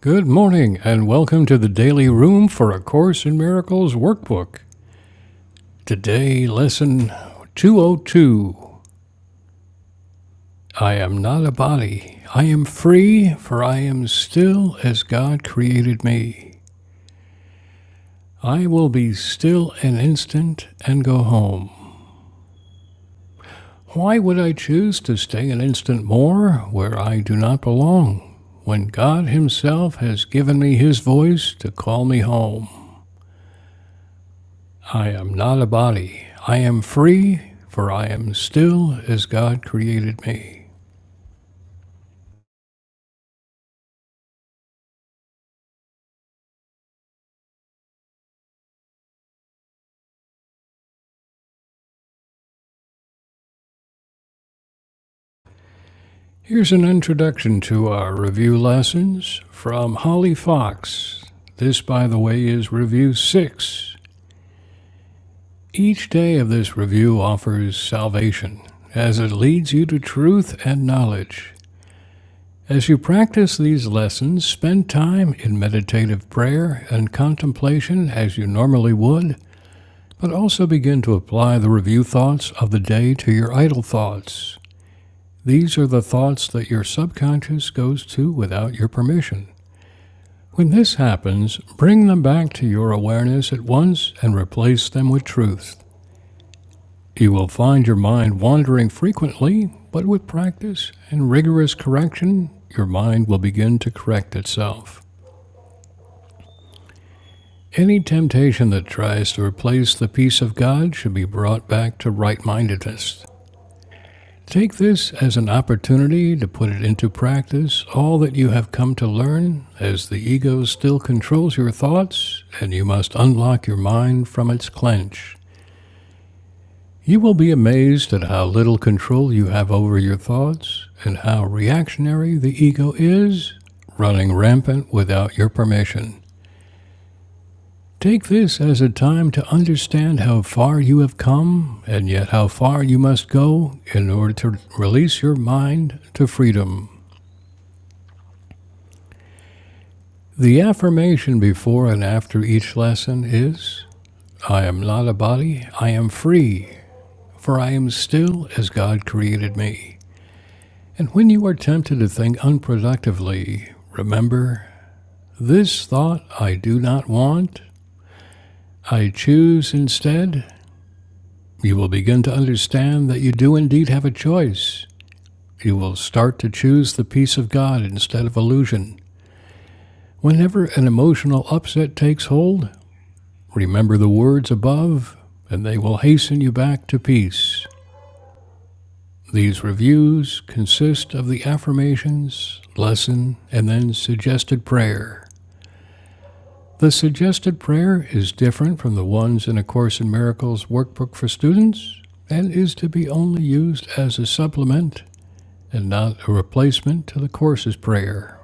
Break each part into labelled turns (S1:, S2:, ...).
S1: Good morning, and welcome to the Daily Room for A Course in Miracles workbook. Today, lesson 202 I am not a body. I am free, for I am still as God created me. I will be still an instant and go home. Why would I choose to stay an instant more where I do not belong, when God Himself has given me His voice to call me home? I am not a body. I am free, for I am still as God created me. Here's an introduction to our review lessons from Holly Fox. This, by the way, is review six. Each day of this review offers salvation, as it leads you to truth and knowledge. As you practice these lessons, spend time in meditative prayer and contemplation as you normally would, But also begin to apply the review thoughts of the day to your idle thoughts. These are the thoughts that your subconscious goes to without your permission. When this happens, bring them back to your awareness at once and replace them with truth. You will find your mind wandering frequently, but with practice and rigorous correction, your mind will begin to correct itself. Any temptation that tries to replace the peace of God should be brought back to right mindedness. Take this as an opportunity to put it into practice all that you have come to learn, as the ego still controls your thoughts and you must unlock your mind from its clench. You will be amazed at how little control you have over your thoughts and how reactionary the ego is, running rampant without your permission. Take this as a time to understand how far you have come and yet how far you must go in order to release your mind to freedom. The affirmation before and after each lesson is I am not a body, I am free, for I am still as God created me. And when you are tempted to think unproductively, remember this thought I do not want, I choose instead. You will begin to understand that you do indeed have a choice. You will start to choose the peace of God instead of illusion. Whenever an emotional upset takes hold, Remember the words above, and they will hasten you back to peace. These reviews consist of the affirmations, lesson, and then suggested prayer. The suggested prayer is different from the ones in A Course in Miracles workbook for students and is to be only used as a supplement and not a replacement to the course's prayer.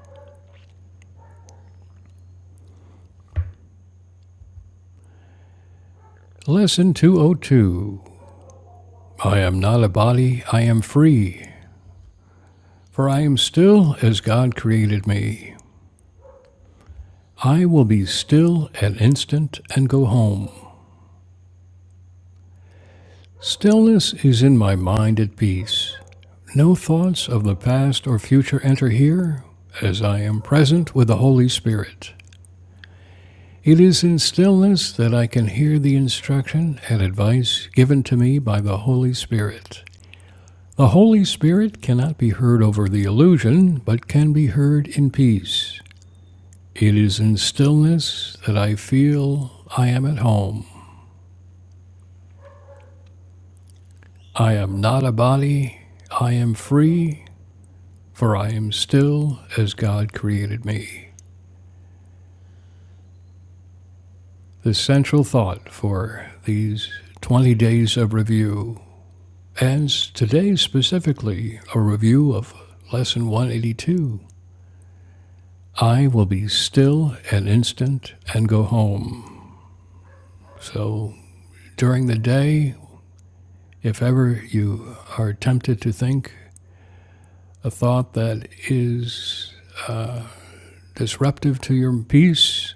S1: Lesson 202 I am not a body, I am free, for I am still as God created me. I will be still an instant and go home. Stillness is in my mind at peace. No thoughts of the past or future enter here, as I am present with the Holy Spirit. It is in stillness that I can hear the instruction and advice given to me by the Holy Spirit. The Holy Spirit cannot be heard over the illusion, but can be heard in peace. It is in stillness that I feel I am at home. I am not a body, I am free, for I am still as God created me. The central thought for these 20 days of review, and today specifically, a review of Lesson 182. I will be still an instant and go home. So during the day, if ever you are tempted to think a thought that is disruptive to your peace,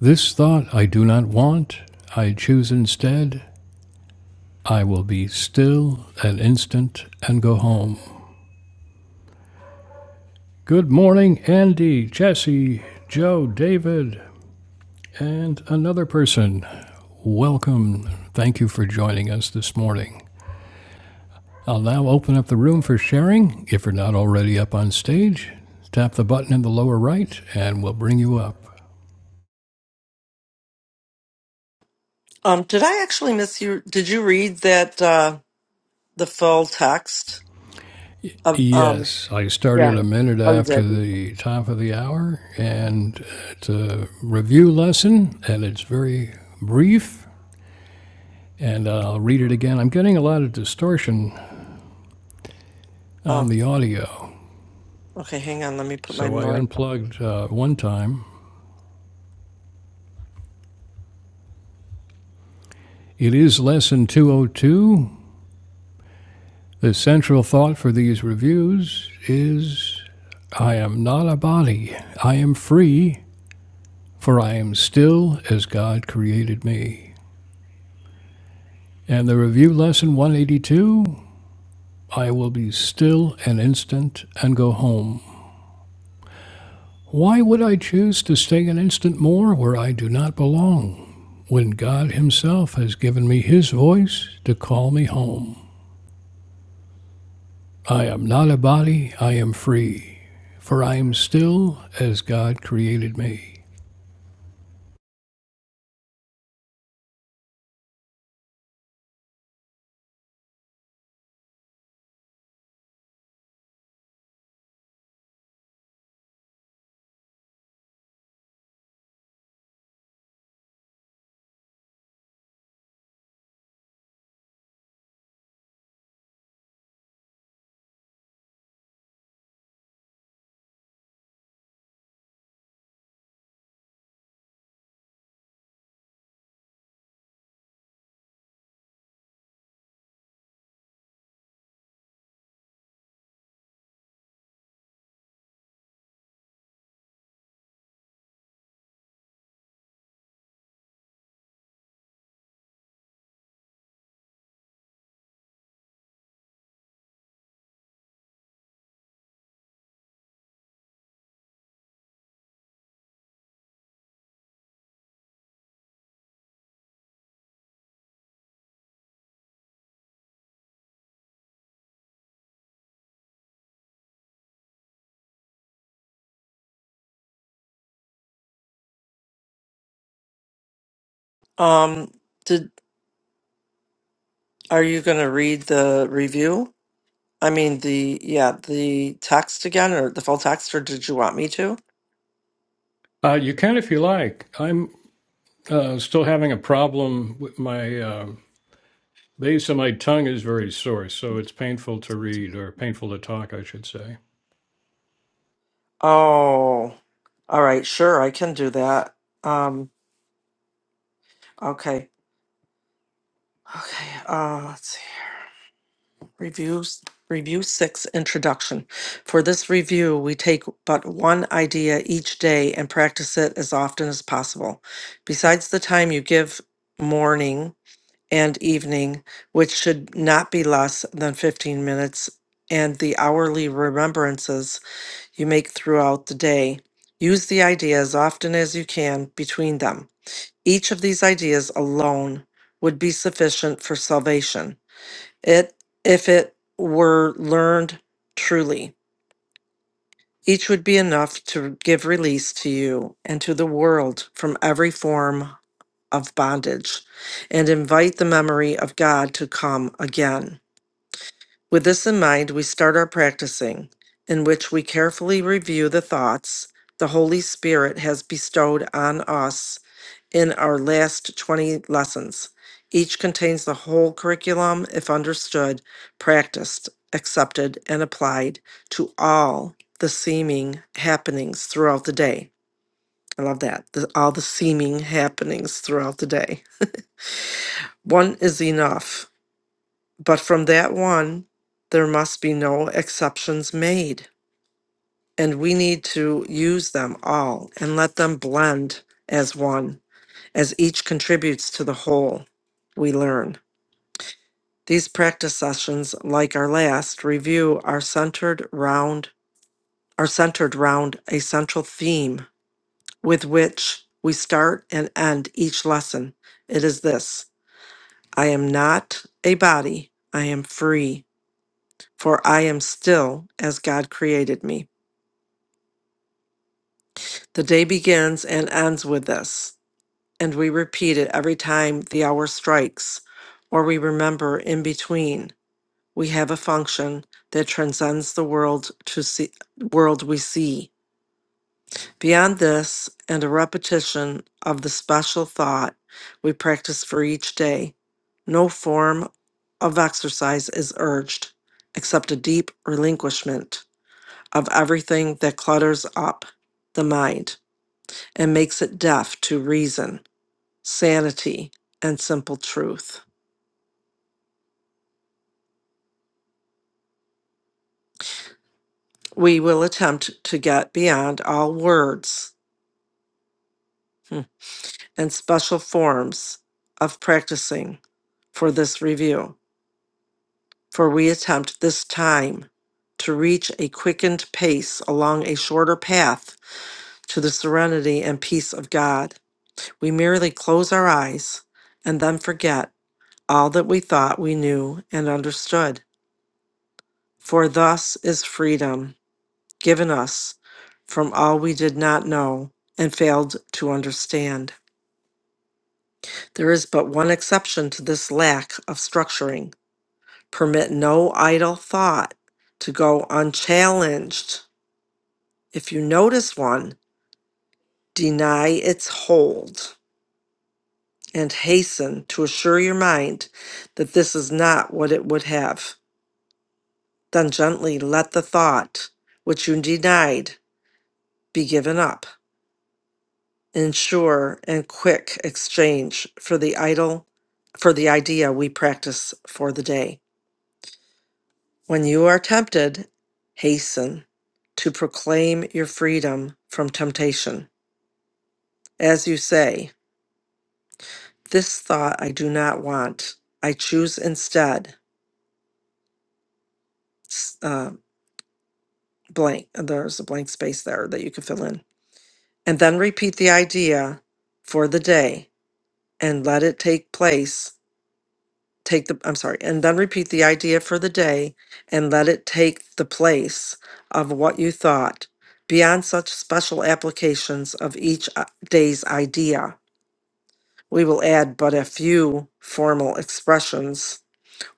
S1: This thought I do not want, I choose instead, I will be still an instant and go home. Good morning, Andy, Jesse, Joe, David, and another person. Welcome. Thank you for joining us this morning. I'll now open up the room for sharing. If you're not already up on stage, tap the button in the lower right and we'll bring you up.
S2: Um, did I actually miss you? Did you read that uh the full text? Um, um
S1: Yes, I
S2: yeah.
S1: started a
S2: Yeah.
S1: minute
S2: Oh, you
S1: after
S2: did.
S1: the top of the hour, and it's a review lesson, and it's very brief, and I'll read it again. I'm getting a lot of distortion on
S2: Oh,
S1: the audio,
S2: okay. Hang on. Let me put my
S1: so I
S2: memory.
S1: unplugged uh, one time. It is lesson 202. The central thought for these reviews is I am not a body, I am free, for I am still as God created me. And the review lesson 182 I will be still an instant and go home. Why would I choose to stay an instant more where I do not belong, when God Himself has given me His voice to call me home? I am not a body, I am free, for I am still as God created me.
S2: Um, did are you going to read the review? I mean the yeah the text again or the full text or did you want me to?
S1: Uh, you can if you like. I'm uh, still having a problem with my uh, base of my tongue is very sore, so it's painful to read or painful to talk, I should say.
S2: Oh, all right. Sure, I can do that. Um, okay. Okay. Uh, let's see. Reviews, review six, introduction. For this review, we take but one idea each day and practice it as often as possible. Besides the time you give morning and evening, which should not be less than 15 minutes, and the hourly remembrances you make throughout the day, use the idea as often as you can between them. Each of these ideas alone would be sufficient for salvation it if it were learned truly. Each would be enough to give release to you and to the world from every form of bondage and invite the memory of God to come again. With this in mind, we start our practicing, in which we carefully review the thoughts the Holy Spirit has bestowed on us in our last 20 lessons. Each contains the whole curriculum if understood, practiced, accepted, and applied to all the seeming happenings throughout the day. I love that. the- all the seeming happenings throughout the day. One is enough, but from that one, there must be no exceptions made. And we need to use them all and let them blend as one, as each contributes to the whole we learn. These practice sessions, like our last review, are centered round are centered round a central theme with which we start and end each lesson. It is this: I am not a body, I am free, for I am still as God created me. The day begins and ends with this, and we repeat it every time the hour strikes or we remember in between. we have a function that transcends the world to see world we see. Beyond this and a repetition of the special thought we practice for each day, no form of exercise is urged except a deep relinquishment of everything that clutters up the mind and makes it deaf to reason, sanity, and simple truth. We will attempt to get beyond all words Hmm. and special forms of practicing for this review, for we attempt this time to reach a quickened pace along a shorter path to the serenity and peace of God. We merely close our eyes and then forget all that we thought we knew and understood. For thus is freedom given us from all we did not know and failed to understand. There is but one exception to this lack of structuring Permit no idle thought to go unchallenged. If you notice one, deny its hold and hasten to assure your mind that this is not what it would have. Then gently let the thought which you denied be given up. Ensure and quick exchange for the idle for the idea we practice for the day. When you are tempted, hasten to proclaim your freedom from temptation. As you say, This thought I do not want. I choose instead, s- uh, blank. There's a blank space there that you can fill in. And then repeat the idea for the day and let it take place take the I'm sorry, and then repeat the idea for the day and let it take the place of what you thought beyond such special applications of each uh, day's idea. We will add but a few formal expressions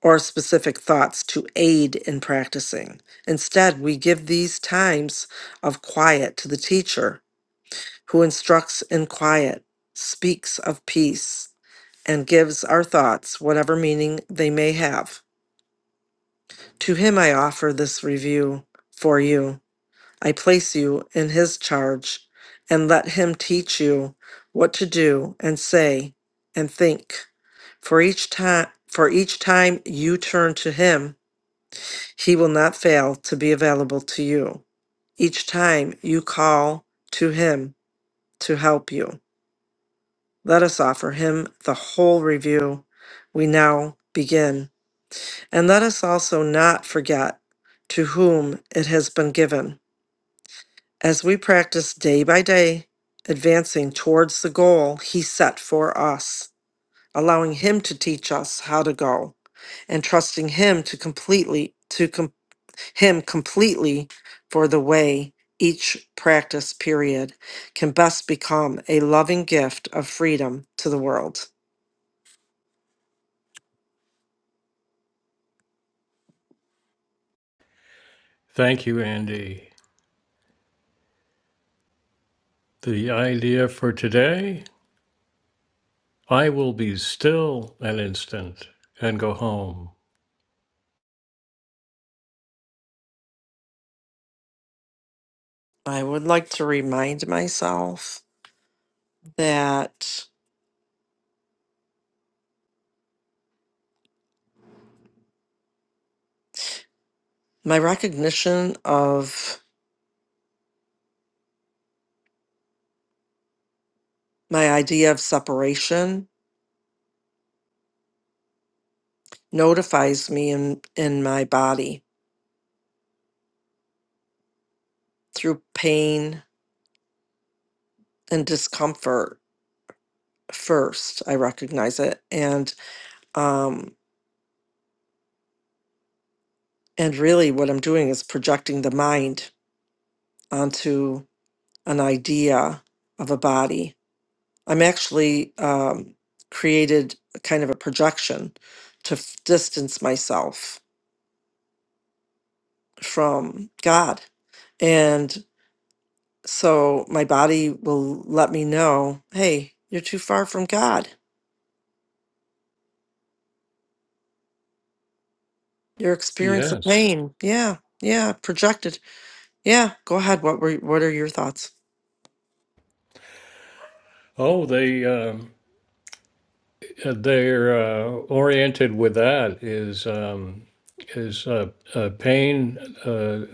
S2: or specific thoughts to aid in practicing. Instead, we give these times of quiet to the teacher who instructs in quiet, speaks of peace, and gives our thoughts whatever meaning they may have. To him I offer this review for you. I place you in his charge, and let him teach you what to do and say and think. For each time for each time you turn to him, he will not fail to be available to you. Each time you call to him to help you. Let us offer him the whole review. We now begin. And let us also not forget to whom it has been given. As we practice day by day, advancing towards the goal He set for us, allowing Him to teach us how to go, and trusting Him to completely to com- Him completely for the way each practice period can best become a loving gift of freedom to the world.
S1: Thank you, Andy. The idea for today I will be still an instant and go home.
S2: I would like to remind myself that. My recognition of my idea of separation notifies me in, in my body through pain and discomfort first. I recognize it. And um and really what I'm doing is projecting the mind onto an idea of a body. I'm actually um created a kind of a projection to f- distance myself from God and. So my body will let me know, hey, you're too far from God. You're
S1: Yes.
S2: experiencing pain. Yeah. Yeah. Projected. Yeah. Go ahead. What were what are your thoughts?
S1: Oh, they um, they're uh, oriented with that is um, is uh, uh, pain uh,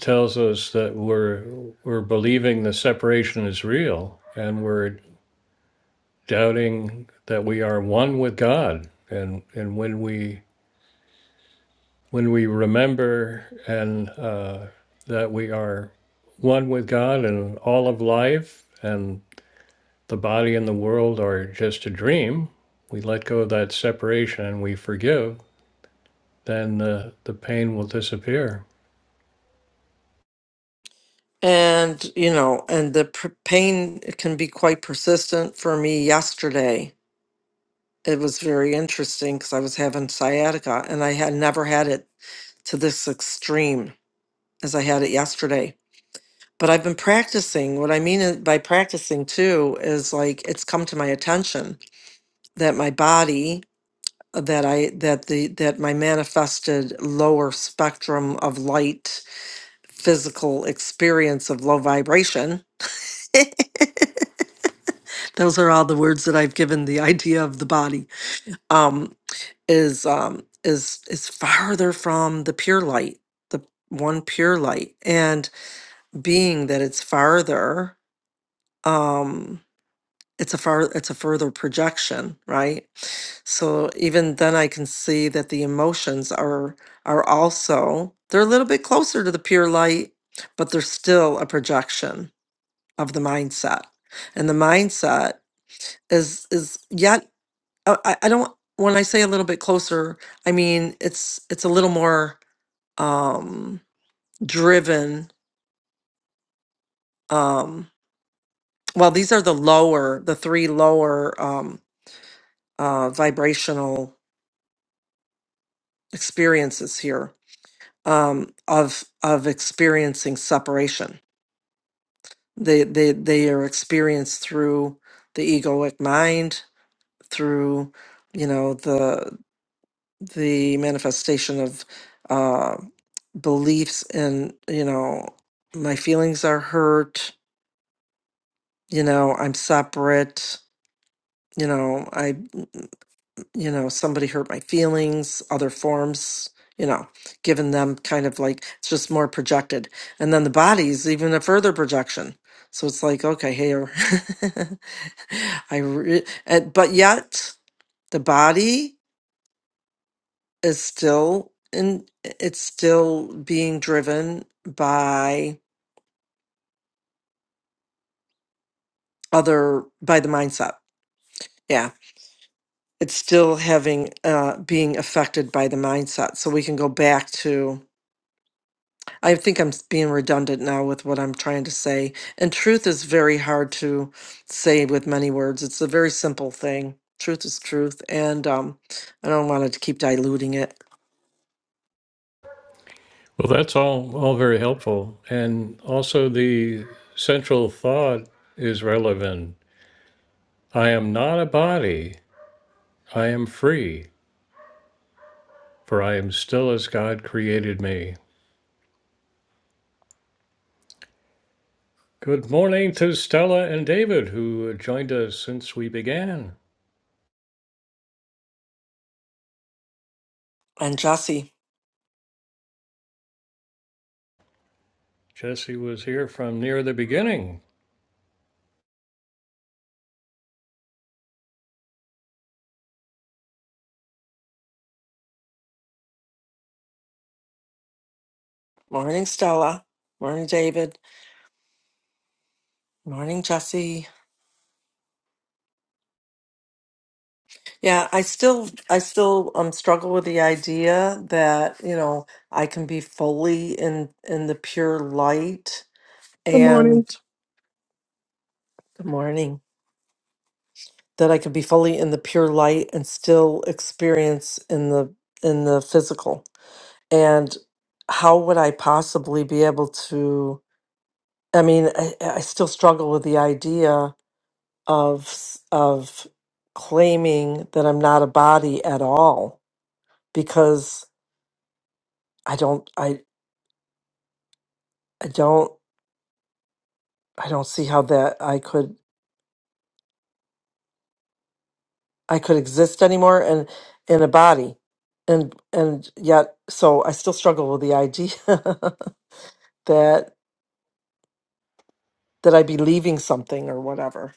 S1: tells us that we're we're believing the separation is real and we're doubting that we are one with God and and when we when we remember and uh, that we are one with God and all of life and the body and the world are just a dream, we let go of that separation and we forgive, then the, the pain will disappear.
S2: And you know, and the pr- pain it can be quite persistent for me yesterday. It was very interesting because I was having sciatica and I had never had it to this extreme as I had it yesterday. But I've been practicing. What I mean i- by practicing too is like it's come to my attention that my body uh, that i that the that my manifested lower spectrum of light physical experience of low vibration those are all the words that i've given the idea of the body um is um is is farther from the pure light the one pure light and being that it's farther um. it's a far it's a further projection right so even then i can see that the emotions are are also they're a little bit closer to the pure light but they're still a projection of the mindset and the mindset is is yet uh, i, I don't when i say a little bit closer i mean it's it's a little more um driven um well these are the lower the three lower um uh vibrational experiences here um, of of experiencing separation. They they they are experienced through the egoic mind, through you know the the manifestation of uh, beliefs in you know my feelings are hurt. You know I'm separate. You know I. you know, somebody hurt my feelings, other forms, you know, giving them kind of like it's just more projected. And then the body's even a further projection. So it's like, okay, here, I, re- and- but yet the body is still in, it's still being driven by other, by the mindset. Yeah. It's still having, uh, being affected by the mindset. So we can go back to, I think I'm s- being redundant now with what I'm trying to say. And truth is very hard to say with many words. It's a very simple thing. Truth is truth. And um, I don't want to keep diluting it.
S1: Well, that's all, all very helpful. And also, the central thought is relevant I am not a body, I am free, for I am still as God created me. Good morning to Stella and David, who joined us since we began.
S2: And Jesse,
S1: Jesse was here from near the beginning.
S2: morning Stella, morning David, morning Jesse. Yeah, I still, I still um struggle with the idea that you know I can be fully in in the pure light
S3: Good morning.
S2: and good morning that i could be fully in the pure light and still experience in the in the physical and how would i possibly be able to i mean i, I still struggle with the idea of s- of claiming that i'm not a body at all because i don't i i don't i don't see how that i could I could exist anymore and in a body. And and yet so I still struggle with the idea that that I'd be leaving something or whatever.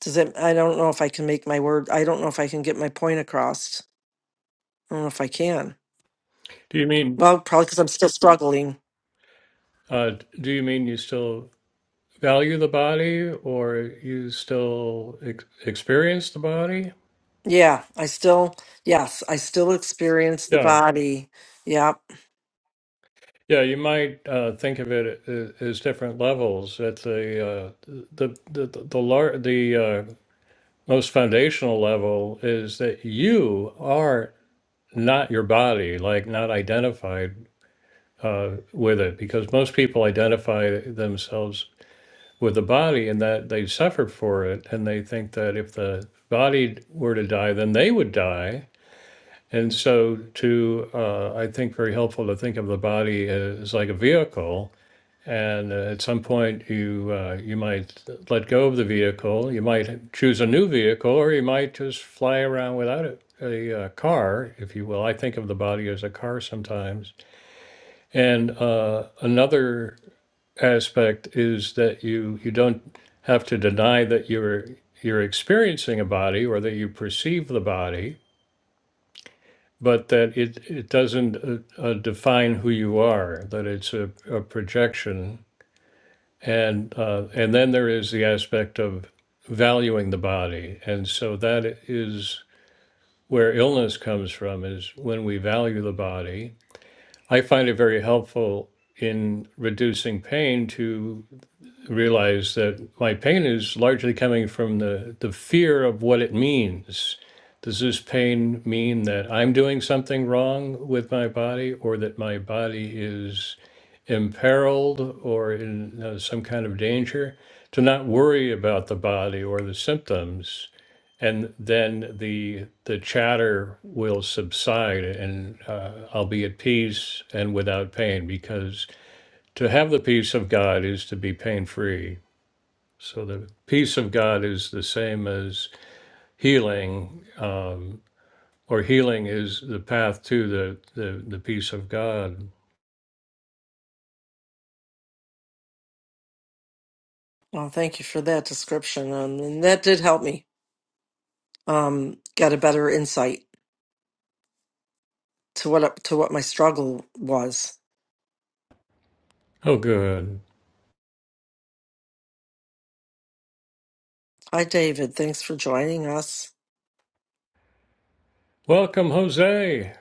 S2: Does it I don't know if I can make my word I don't know if I can get my point across. I don't know if I can.
S1: Do you mean
S2: Well, probably because I'm still struggling.
S1: uh, do you mean you still value the body, or you still ex- experience the body?
S2: Yeah, I still yes, I still experience the
S1: Yeah,
S2: body. Yeah.
S1: yeah. You might uh, think of it a- as different levels. At the uh, the the the, the, lar- the uh, most foundational level is that you are not your body, like not identified uh, with it because most people identify themselves with the body and that they suffer for it and they think that if the body were to die then they would die and so to uh, i think very helpful to think of the body as like a vehicle and uh, at some point you uh, you might let go of the vehicle you might choose a new vehicle or you might just fly around without it a uh, car, if you will. I think of the body as a car sometimes. And uh, another aspect is that you you don't have to deny that you're you're experiencing a body or that you perceive the body, but that it it doesn't uh, uh, define who you are. That it's a, a projection, and uh, and then there is the aspect of valuing the body, and so that is where illness comes from is when we value the body. I find it very helpful in reducing pain to realize that my pain is largely coming from the, the fear of what it means. Does this pain mean that I'm doing something wrong with my body or that my body is imperiled or in uh, some kind of danger? To not worry about the body or the symptoms. And then the the chatter will subside, and uh, I'll be at peace and without pain. Because to have the peace of God is to be pain free so the peace of God is the same as healing, um, or healing is the path to the, the, the peace of God.
S2: Well, thank you for that description. Um, and that did help me um get a better insight to what to what my struggle was
S1: Oh, good.
S2: Hi, David. Thanks for joining us.
S1: Welcome, Jose.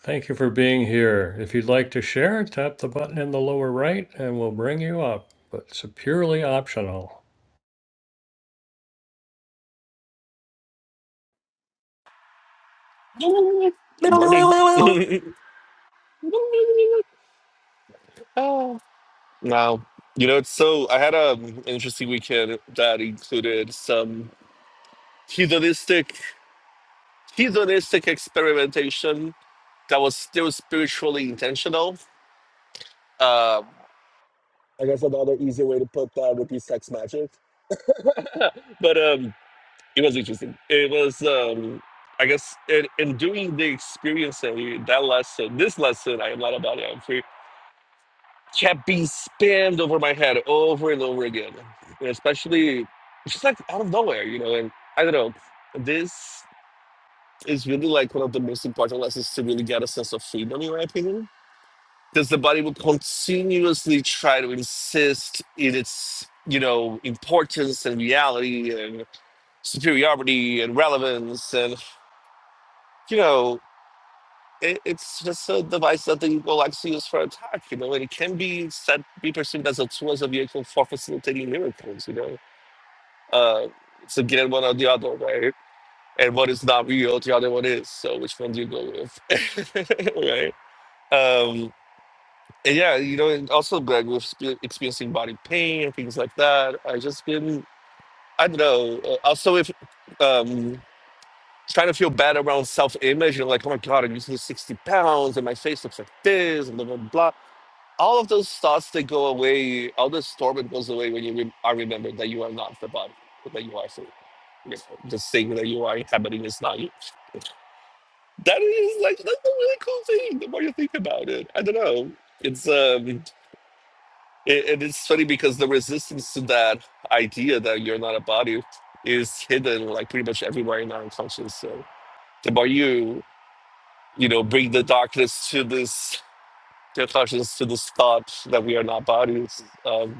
S1: Thank you for being here. If you'd like to share, tap the button in the lower right and we'll bring you up, but it's purely optional.
S4: Good morning.
S2: Yeah,
S4: oh, wow. You know, it's so. I had a interesting weekend that included some hedonistic, hedonistic experimentation that was still spiritually intentional. Um, I guess another easy way to put that would be sex magic. but um, it was interesting. It was, um, I guess, in, in doing the experiencing that lesson, this lesson, I am not about it. kept being spammed over my head over and over again. And especially it's just like out of nowhere, you know, and I don't know. This is really like one of the most important lessons to really get a sense of freedom in my opinion. Because the body will continuously try to insist in its, you know, importance and reality and superiority and relevance and you know it, it's just a device that the will actually use for attack, you know, and it can be said be perceived as a tool as a vehicle for facilitating miracles, you know. Uh, it's again one or the other, right? And one is not real, the other one is. So which one do you go with, right? Um, and yeah, you know, and also like with spe- experiencing body pain and things like that. I just been, I don't know. uh, Also, if um, trying to feel bad around self-image and like, oh my god, I'm using 60 pounds and my face looks like this and blah blah blah. all of those thoughts that go away, all the storm that goes away when you re- are remembered that you are not the body, but that you are so, you know, the thing that you are inhabiting is not you. That is like that's a really cool thing. The more you think about it, I don't know. It's um, it, and it's funny because the resistance to that idea that you're not a body is hidden like pretty much everywhere in our unconscious. So the more you you know bring the darkness to this, the consciousness to this thought that we are not bodies. Um,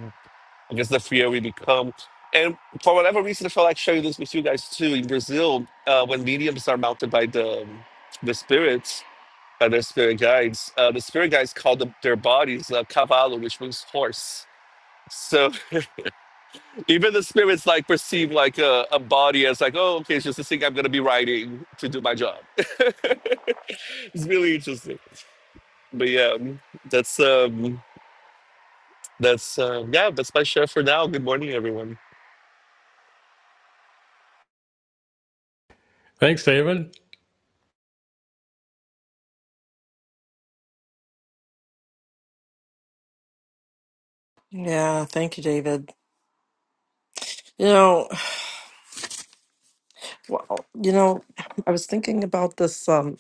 S4: I guess the freer we become. And for whatever reason, I felt like sharing this with you guys too. In Brazil, uh, when mediums are mounted by the um, the spirits, by their spirit guides, uh, the spirit guides call the, their bodies uh, cavalo, which means horse. So even the spirits like perceive like a, a body as like, oh, okay, it's just a thing I'm gonna be riding to do my job. it's really interesting. But yeah, um, that's um, that's uh, yeah, that's my share for now. Good morning, everyone.
S1: Thanks, David.
S2: thank you, David. You know, well, you know, I was thinking about this um,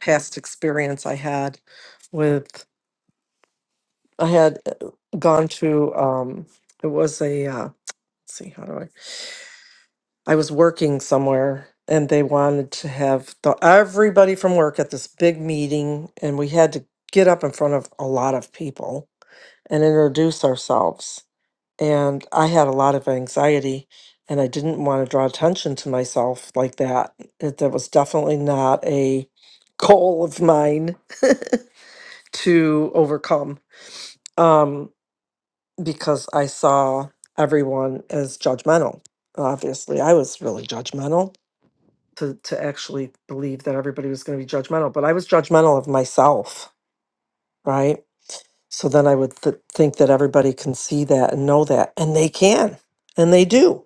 S2: past experience I had with. I had uh, gone to. Um, it was a. Uh, let's see, how do I? I was working somewhere, and they wanted to have the, everybody from work at this big meeting, and we had to get up in front of a lot of people and introduce ourselves and I had a lot of anxiety and I didn't want to draw attention to myself like that. It, that was definitely not a goal of mine to overcome um, because I saw everyone as judgmental. Obviously, I was really judgmental to, to actually believe that everybody was going to be judgmental, but I was judgmental of myself, right? So then I would th- think that everybody can see that and know that, and they can, and they do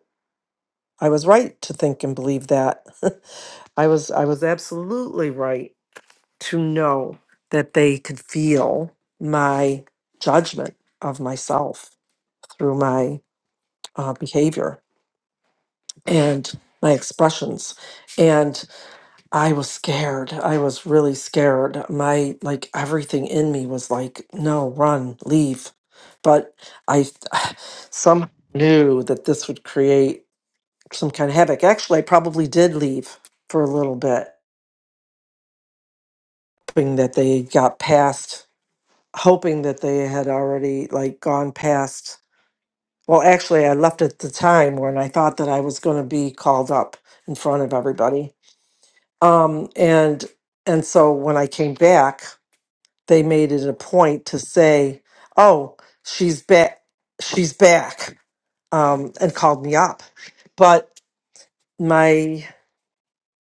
S2: I was right to think and believe that. I was I was absolutely right to know that they could feel my judgment of myself through my uh, behavior and my expressions and i was scared i was really scared my like everything in me was like no run leave but i somehow knew that this would create some kind of havoc. Actually, I probably did leave for a little bit, hoping that they got past, hoping that they had already like gone past. Well, actually, I left at the time when I thought that I was going to be called up in front of everybody. Um, and and so when I came back, they made it a point to say, "Oh, she's back, she's back," um, and called me up. But my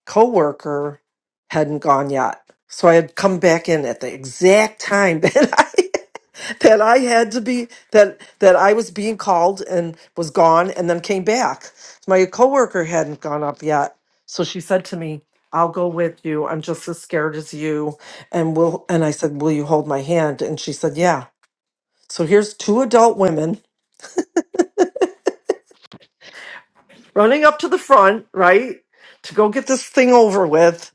S2: coworker hadn't gone yet. So I had come back in at the exact time that I that I had to be that that I was being called and was gone and then came back. My coworker hadn't gone up yet. So she said to me, I'll go with you. I'm just as scared as you. And will and I said, Will you hold my hand? And she said, Yeah. So here's two adult women running up to the front, right? To go get this thing over with.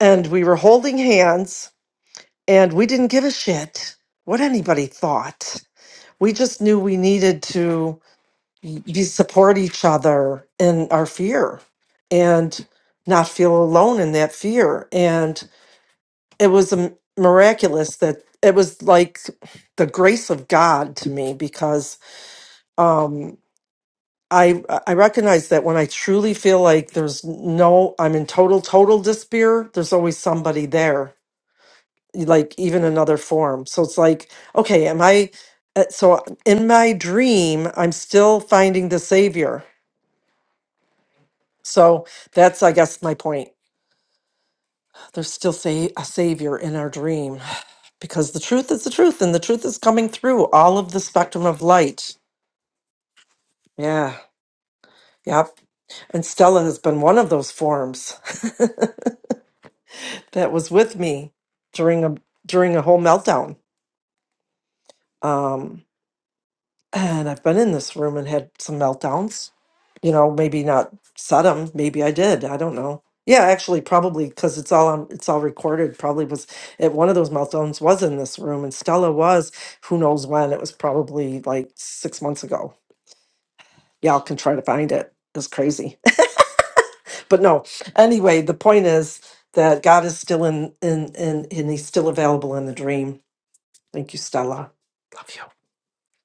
S2: And we were holding hands And we didn't give a shit what anybody thought. We just knew we needed to be support each other in our fear and not feel alone in that fear. And it was um, miraculous that it was like the grace of God to me because um, I I recognize that when I truly feel like there's no I'm in total total despair, there's always somebody there like even another form. So it's like, okay, am I uh, so in my dream, I'm still finding the savior. So that's I guess my point. There's still say a savior in our dream because the truth is the truth and the truth is coming through all of the spectrum of light. Yeah. Yep. And Stella has been one of those forms that was with me during a during a whole meltdown. Um And I've been in this room and had some meltdowns. You know, maybe not said them. Maybe I did. I don't know. Yeah, actually, probably because it's all on, it's all recorded. Probably was at one of those meltdowns was in this room, and Stella was who knows when. It was probably like six months ago. Y'all can try to find it. It's crazy. but no anyway the point is that god is still in in in and he's still available in the dream thank you stella love you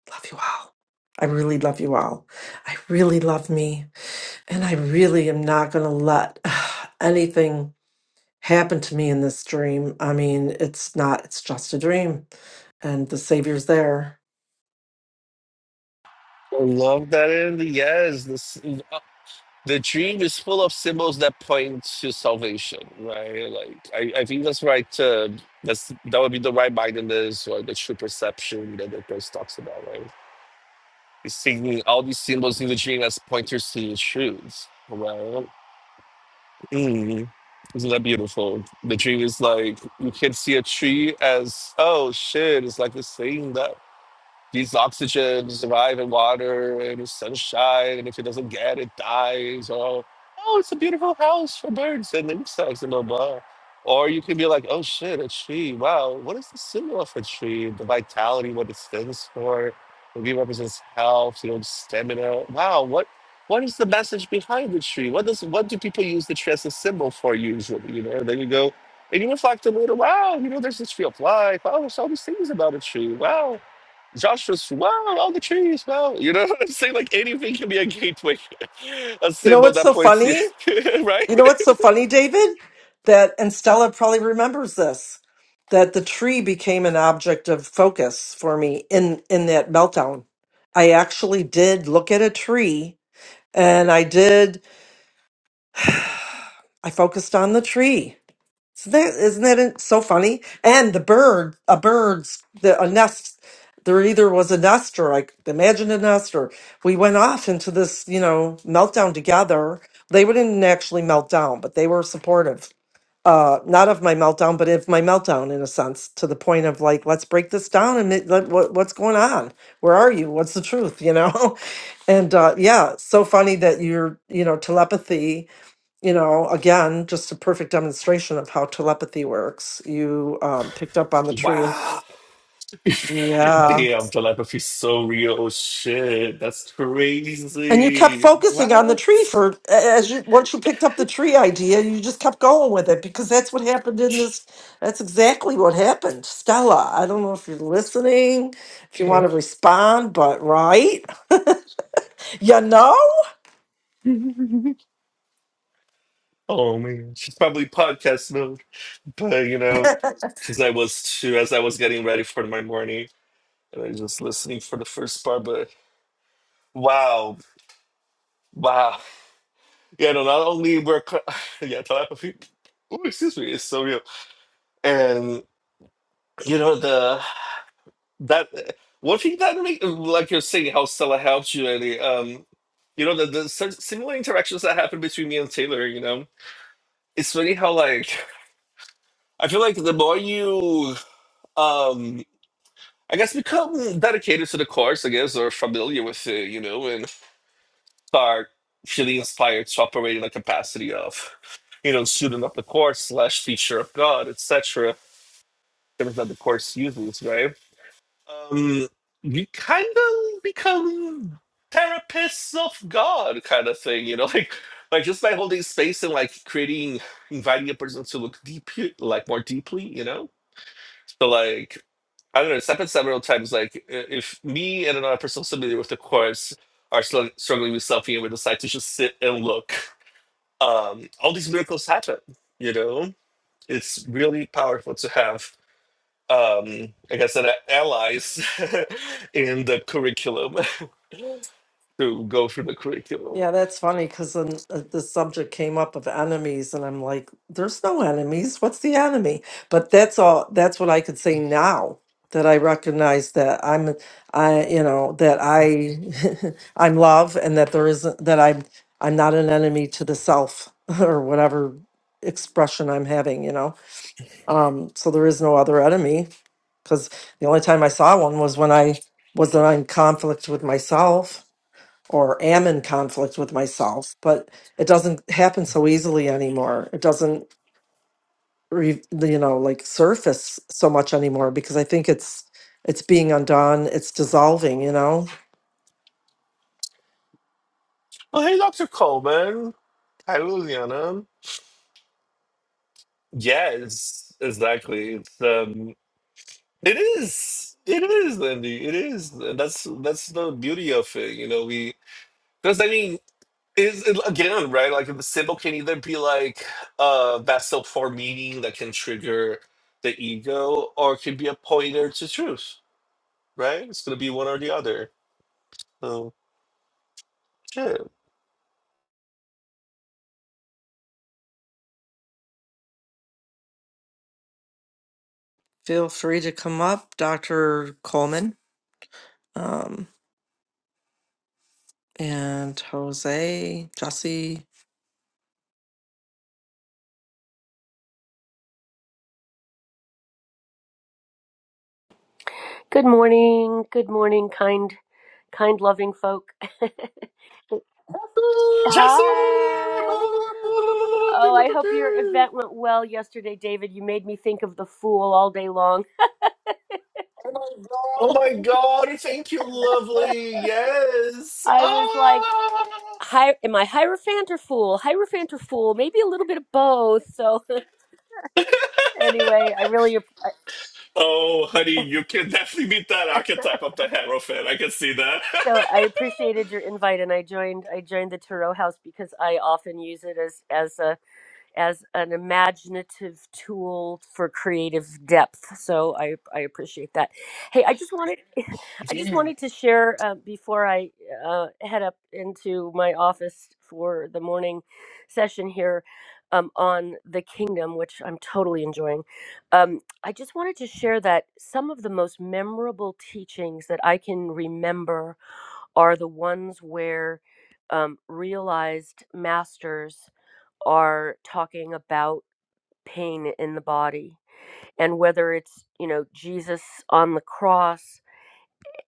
S2: Love you all. I really love you all. I really love me. And I really am not going to let anything happen to me in this dream. I mean, it's not, it's just a dream. And the Savior's there.
S4: I love that in yes, this the dream is full of symbols that point to salvation, right? Like I, I think that's right. Uh, that's that would be the right mindedness or the true perception that the verse talks about, right? It's seeing all these symbols in the dream as pointers to truths, right? Mm. Isn't that beautiful? The dream is like you can see a tree as oh shit, it's like the same needs oxygen to survive in water and sunshine. And if it doesn't get it, dies. Or, oh, it's a beautiful house for birds and insects and blah, blah. Or you can be like, oh shit, a tree. Wow, what is the symbol of a tree? The vitality, what it stands for. Maybe it represents health, you know, stamina. Wow, what what is the message behind the tree? What does what do people use the tree as a symbol for usually? You know, then you go and you reflect a little, wow, you know, there's this tree of life. Wow, there's all these things about a tree. Wow, Josh was wow, all the trees, wow. You know what I'm saying? Like anything can be a gateway, a
S2: You know
S4: symbol
S2: what's
S4: that
S2: so
S4: points you,
S2: funny?
S4: right?
S2: You know what's so funny, David? That, and Stella probably remembers this, that the tree became an object of focus for me in, in that meltdown. I actually did look at a tree and I did, I focused on the tree So that isn't that so funny? And the bird, a bird's the a nest. There either was a nest or I c- imagine a nest, or we went off into this, you know, meltdown together. They wouldn't actually melt down, but they were supportive. Uh, not of my meltdown, but of my meltdown in a sense, to the point of like, let's break this down and ma- let, what, what's going on? Where are you? What's the truth? You know, and uh, yeah, so funny that you're, you know, telepathy you know, again, just a perfect demonstration of how telepathy works. You um, picked up on the tree.
S4: Wow.
S2: Yeah.
S4: Damn, telepathy's so real. Oh shit, that's
S2: And you kept
S4: crazy.
S2: focusing on the
S4: What?
S2: tree for a- as you once you picked up the tree idea, you just kept going with it because that's what happened in this. That's exactly what happened. Stella, I don't know if you're listening, if you want to
S4: Mhm.
S2: respond, but right? You know?
S4: oh man, she's probably podcast mode, but you know, because I was too, as I was getting ready for my morning, and I was just listening for the first part, but wow, wow. Yeah, no, not only we're co- yeah, telepathy. Ooh, excuse me, it's so real. And you know the that one thing that make like you're saying how Stella helped you, and Um, you know the the sim- similar interactions that happen between me and Taylor. You know, it's funny how like I feel like the more you um. I guess become dedicated to the course, I guess, or familiar with it, you know, and start feeling inspired to operate in the capacity of, you know, student of the course slash teacher of God, etc terms that the course uses, right? Um, you kind of become therapists of God, kind of thing, you know, like like just by holding space and like creating, inviting a person to look deep, like more deeply, you know. So like, I don't know, it's happened several times. Like i- if me and another person familiar with the course are still struggling with something, and we decide to just sit and look, um, all these miracles happen, you know. It's really powerful to have um, like I said, a- allies in the curriculum to go through the curriculum.
S2: Yeah, that's funny because then uh, the subject came up of enemies, and I'm like, there's no enemies. What's the enemy? But that's all, that's what I could say now that I recognize that I'm, I, you know, that I, I'm love and that there isn't, that I'm, I'm not an enemy to the self or whatever expression I'm having, you know? Um, so there is no other enemy because the only time I saw one was when I was in conflict with myself or am in conflict with myself but it doesn't happen so easily anymore it doesn't re, you know like surface so much anymore because i think it's it's being undone it's dissolving you know
S4: Oh, hey, Dr. Coleman. Hi, Liliana. Yes, exactly. It's, um, it is. It is, Lindy. It is. That's that's the beauty of it. You know, we because I mean, is it, again right? Like the symbol can either be like a vessel for meaning that can trigger the ego, or it can be a pointer to truth. Right? It's gonna be one or the other Oh, shit.
S2: feel free to come up dr coleman um, and jose jesse
S5: Good morning. Good morning, kind, kind, loving folk. Hi.
S4: Jesse!
S5: Oh, I hope your event went well yesterday, David. You made me think of the fool all day long.
S4: Oh my god, thank you, lovely. Yes.
S5: I was like,
S4: Ah!
S5: Hi, am I Hierophant or fool? Hierophant or fool? Maybe a little bit of both. So anyway, I really ap- I-
S4: Oh, honey, you can definitely meet that archetype of the hero I can see that.
S5: so I appreciated your invite, and I joined. I joined the Tarot House because I often use it as as a as an imaginative tool for creative depth. So I, I appreciate that. Hey, I just wanted I just
S4: yeah.
S5: wanted to share uh, before I uh, head up into my office for the morning session here um, on the kingdom, which I'm totally enjoying. Um, I just wanted to share that some of the most memorable teachings that I can remember are the ones where um, realized masters are talking about pain in the body and whether it's you know jesus on the cross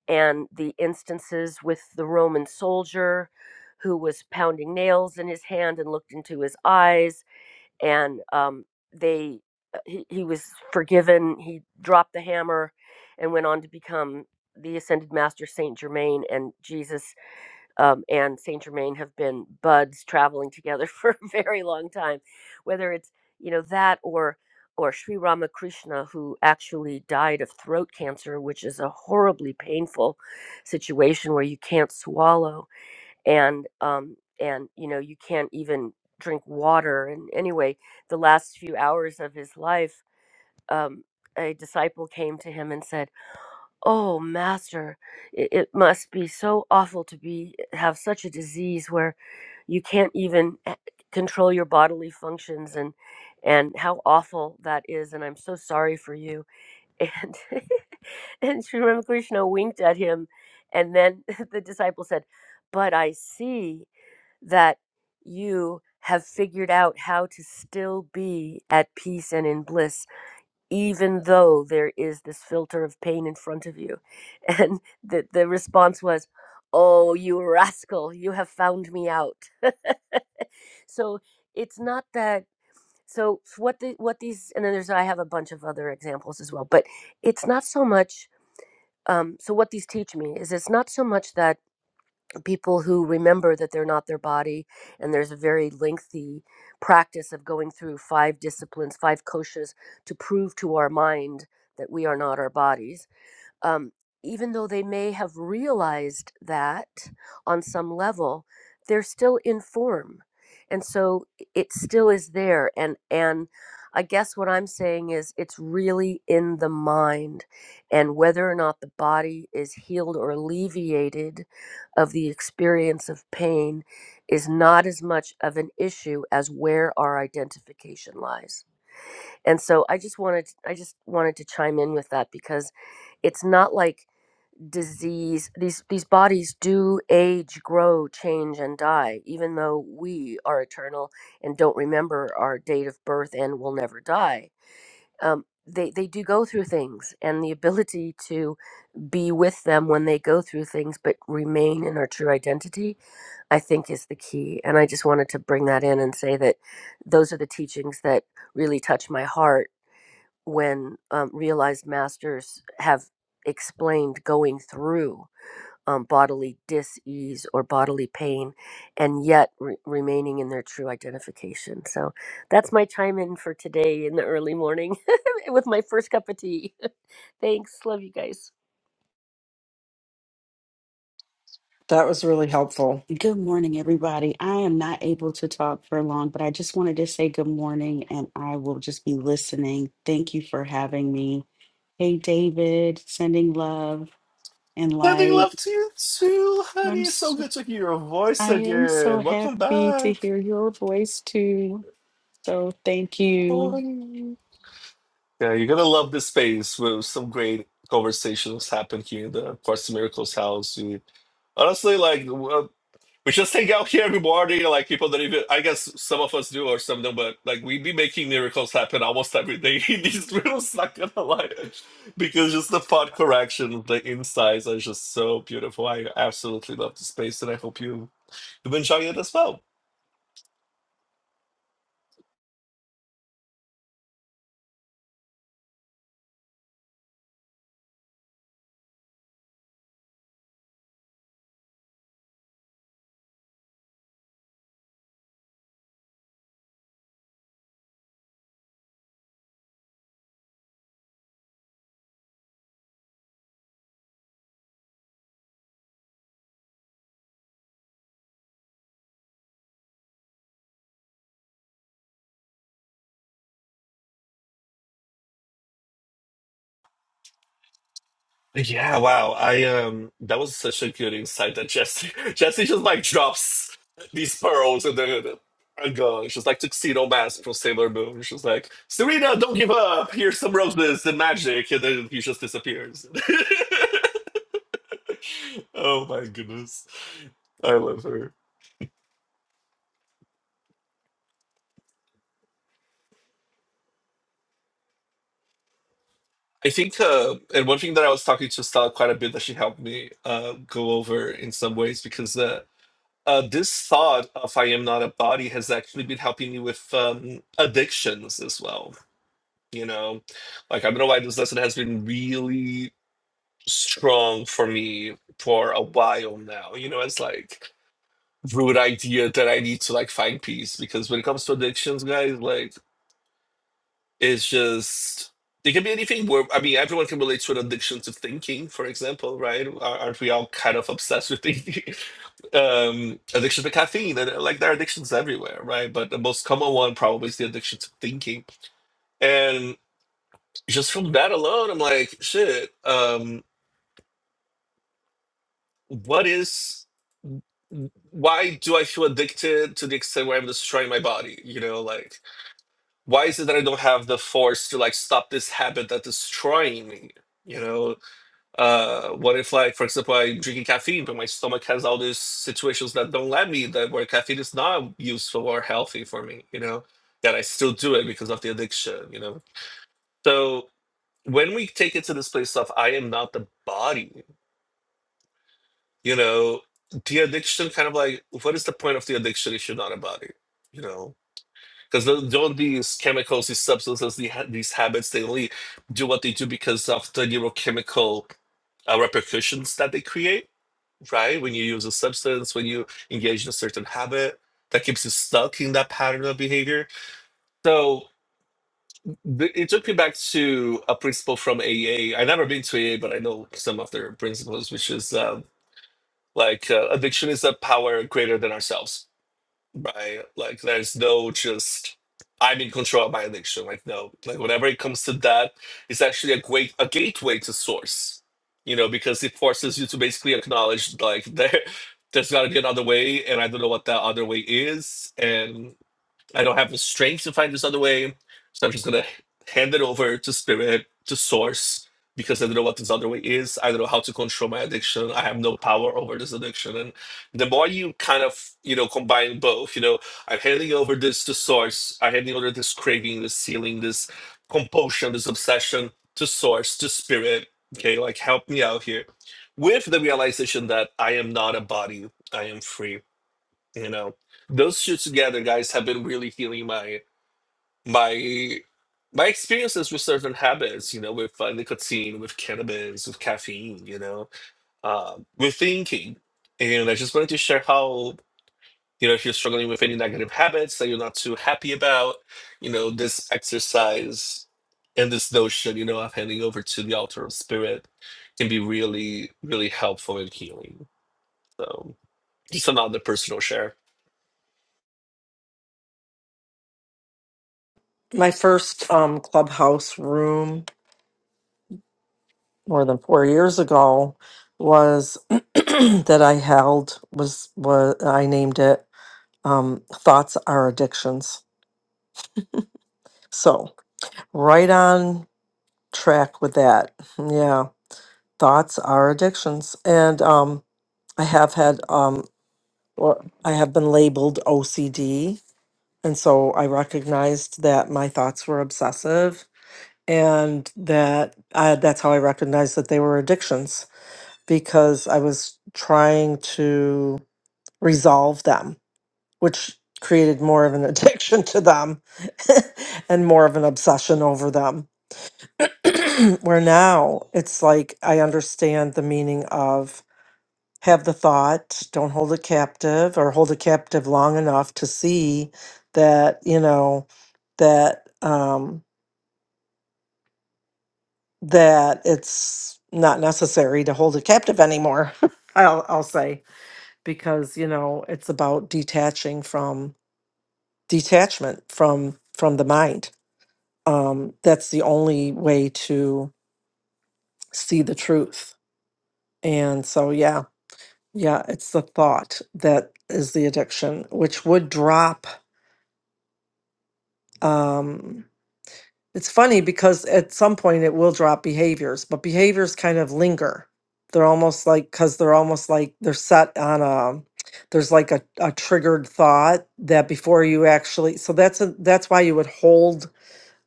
S5: and the instances with the roman soldier who was pounding nails in his hand and looked into his eyes and um, they uh, he, he was forgiven he dropped the hammer and went on to become the ascended master saint germain and jesus um, and Saint Germain have been buds traveling together for a very long time, whether it's you know that or or Sri Ramakrishna, who actually died of throat cancer, which is a horribly painful situation where you can't swallow and um, and you know you can't even drink water. And anyway, the last few hours of his life, um, a disciple came to him and said Oh, master, it, it must be so awful to be have such a disease where you can't even a- control your bodily functions and and how awful that is and I'm so sorry for you. And and Sri Ramakrishna winked at him and then the disciple said, "But I see that you have figured out how to still be at peace and in bliss even though there is this filter of pain in front of you. And the, the response was, Oh, you rascal, you have found me out. so it's not that. So what the what these and then there's I have a bunch of other examples as well, but it's not so much. Um, so what these teach me is it's not so much that people who remember that they're not their body and there's a very lengthy practice of going through five disciplines five koshas to prove to our mind that we are not our bodies um, even though they may have realized that on some level, they're still in form, and so it still is there. And and I guess what I'm saying is it's really in the mind, and whether or not the body is healed or alleviated of the experience of pain is not as much of an issue as where our identification lies. And so I just wanted I just wanted to chime in with that because it's not like disease these these bodies do age grow change and die even though we are eternal and don't remember our date of birth and will never die um, they they do go through things and the ability to be with them when they go through things but remain in our true identity i think is the key and i just wanted to bring that in and say that those are the teachings that really touch my heart when um, realized masters have explained going through um, bodily dis-ease or bodily pain and yet re- remaining in their true identification so that's my chime in for today in the early morning with my first cup of tea thanks love you guys
S2: that was really helpful
S6: Good morning, everybody. I am not able to talk for long, but I just wanted to say good morning and I will just be listening. Thank you for having me. Hey, David, sending love and
S4: Sending
S6: light.
S4: love to you too,
S6: I'm
S4: honey. So
S6: so,
S4: good to hear your voice
S6: I am so
S4: again. Welcome
S6: happy to
S4: back.
S6: hear your voice too. So thank
S4: Oh,
S6: you.
S4: honey. Yeah, you're gonna love this space. With some great conversations happen here in the Course in Miracles house. We, honestly, like w- uh, we just hang out here every morning. Like people that even I guess some of us do or some don't, but like we be making miracles happen almost every day in these rooms. Not gonna lie, because just the thought correction, the insights are just so beautiful. I absolutely love the space, and I hope you you enjoy it as well. Yeah, wow. I um that was such a good insight that Jesse Jesse just like drops these pearls and then and go. She's like tuxedo mask from Sailor Moon. She's like, Serena, don't give up. Here's some roses and magic, and then he just disappears. Oh my goodness. I love her. I think uh and one thing that I was talking to Stella quite a bit that she helped me uh go over in some ways because uh uh, this thought of I am not a body has actually been helping me with um, addictions as well. You know, like I don't know why this lesson has been really strong for me for a while now. You know, it's like rude idea that I need to like find peace because when it comes to addictions, guys, like it's just it can be anything. Where I mean, everyone can relate to an addiction to thinking, for example, right? Ar- Aren't we all kind of obsessed with thinking? um addiction to caffeine and uh, like there are addictions everywhere right but the most common one probably is the addiction to thinking and just from that alone i'm like shit um what is why do i feel addicted to the extent where i'm destroying my body you know like why is it that i don't have the force to like stop this habit that's destroying me you know Uh, what if, like, for example, I'm drinking caffeine, but my stomach has all these situations that don't let me, that where caffeine is not useful or healthy for me, you know, that I still do it because of the addiction, you know. So when we take it to this place of I am not the body, you know, the addiction kind of like, what is the point of the addiction if you're not a body, you know? Because don't these chemicals, these substances, the ha- these habits, they only do what they do because of the neurochemical uh, repercussions that they create right? When you use a substance, when you engage in a certain habit that keeps you stuck in that pattern of behavior. So th- it took me back to a principle from AA. I've never been to AA, but I know some of their principles, which is um, like uh, addiction is a power greater than ourselves right? Like there's no just I'm in control of my addiction. Like no, like whenever it comes to that, it's actually a great a gateway to source, you know, because it forces you to basically acknowledge like there there's got to be another way, and I don't know what that other way is, and. I don't have the strength to find this other way. So I'm just gonna hand it over to spirit, to source, because I don't know what this other way is. I don't know how to control my addiction. I have no power over this addiction. And the more you kind of, you know, combine both, you know, I'm handing over this to source, I'm handing over this craving, this feeling, this compulsion, this obsession to source, to spirit. Okay, like help me out here. With the realization that I am not a body, I am free you know, those two together, guys, have been really healing my my my experiences with certain habits. You know, with uh, nicotine, with cannabis, with caffeine. You know, uh, with thinking. And I just wanted to share how you know if you're struggling with any negative habits that you're not too happy about, you know, this exercise and this notion, you know, of handing over to the altar of spirit can be really, really helpful and healing. So just another personal share.
S2: my first um, clubhouse room more than four years ago was that i held was was i named it um, thoughts are addictions. So, right on track with that. Yeah, thoughts are addictions. And um, I have had, um, or I have been labeled OCD. And so I recognized that my thoughts were obsessive and that I, that's how I recognized that they were addictions because I was trying to resolve them which created more of an addiction to them and more of an obsession over them. Where now it's like I understand the meaning of have the thought, don't hold it captive, or hold it captive long enough to see that, you know, that um that it's not necessary to hold it captive anymore. I'll I'll say because, you know, it's about detaching from detachment from from the mind um, that's the only way to see the truth. And so, yeah, yeah, it's the thought that is the addiction, which would drop. Um, it's funny because at some point it will drop behaviors, but behaviors kind of linger. They're almost like, because they're almost like they're set on a, there's like a, a triggered thought that before you actually, so that's a, that's why you would hold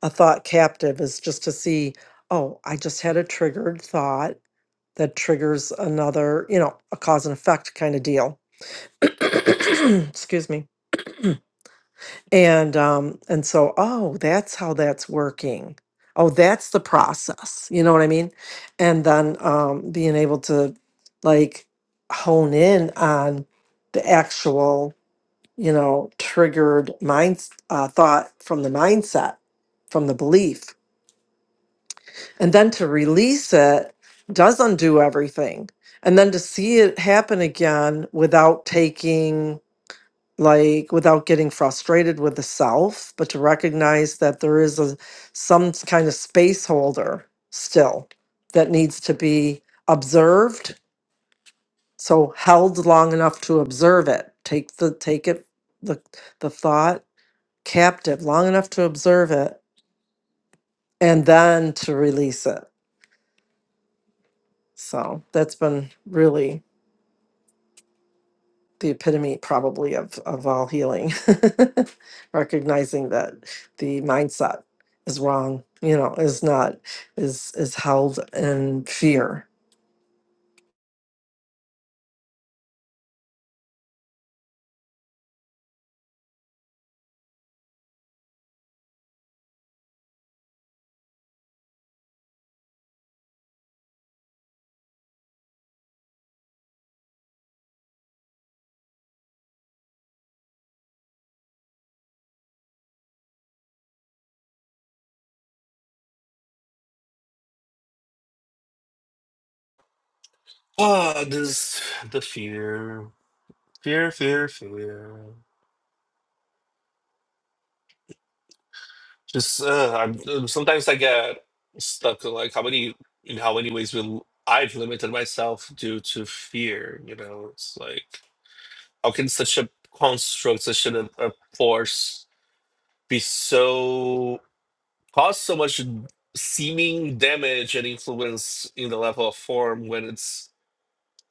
S2: a thought captive is just to see, oh, I just had a triggered thought that triggers another, you know, a cause and effect kind of deal. Excuse me. And um and so oh, that's how that's working. Oh, that's the process. You know what I mean? And then um being able to like hone in on the actual, you know, triggered mind uh, thought from the mindset, from the belief And then to release it does undo everything. And then to see it happen again without taking, like, without getting frustrated with the self, but to recognize that there is a some kind of space holder still that needs to be observed. So held long enough to observe it. Take the take it the the thought captive long enough to observe it and then to release it. So that's been really the epitome probably of of all healing recognizing that the mindset is wrong you know is not is is held in fear
S4: Ah, this the fear, fear, fear, fear. Just uh, I'm uh, sometimes I get stuck in like how many in how many ways will I've limited myself due to fear. You know, it's like how can such a construct, such a, a force, be so cause so much seeming damage and influence in the level of form when it's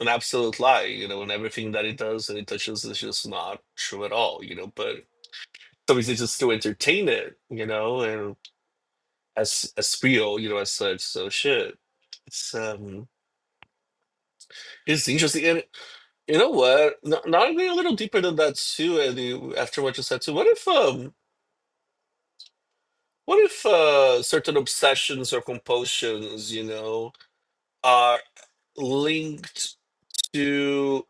S4: an absolute lie. You know, and everything that it does and it touches is just not true at all. You know, but somebody's just to entertain it, you know, and as a spiel, you know, as such. So shit. It's um it's interesting. And you know what? Not, not even a little deeper than that too, Eddie, after what you said too. What if um what if uh certain obsessions or compulsions, you know, are linked to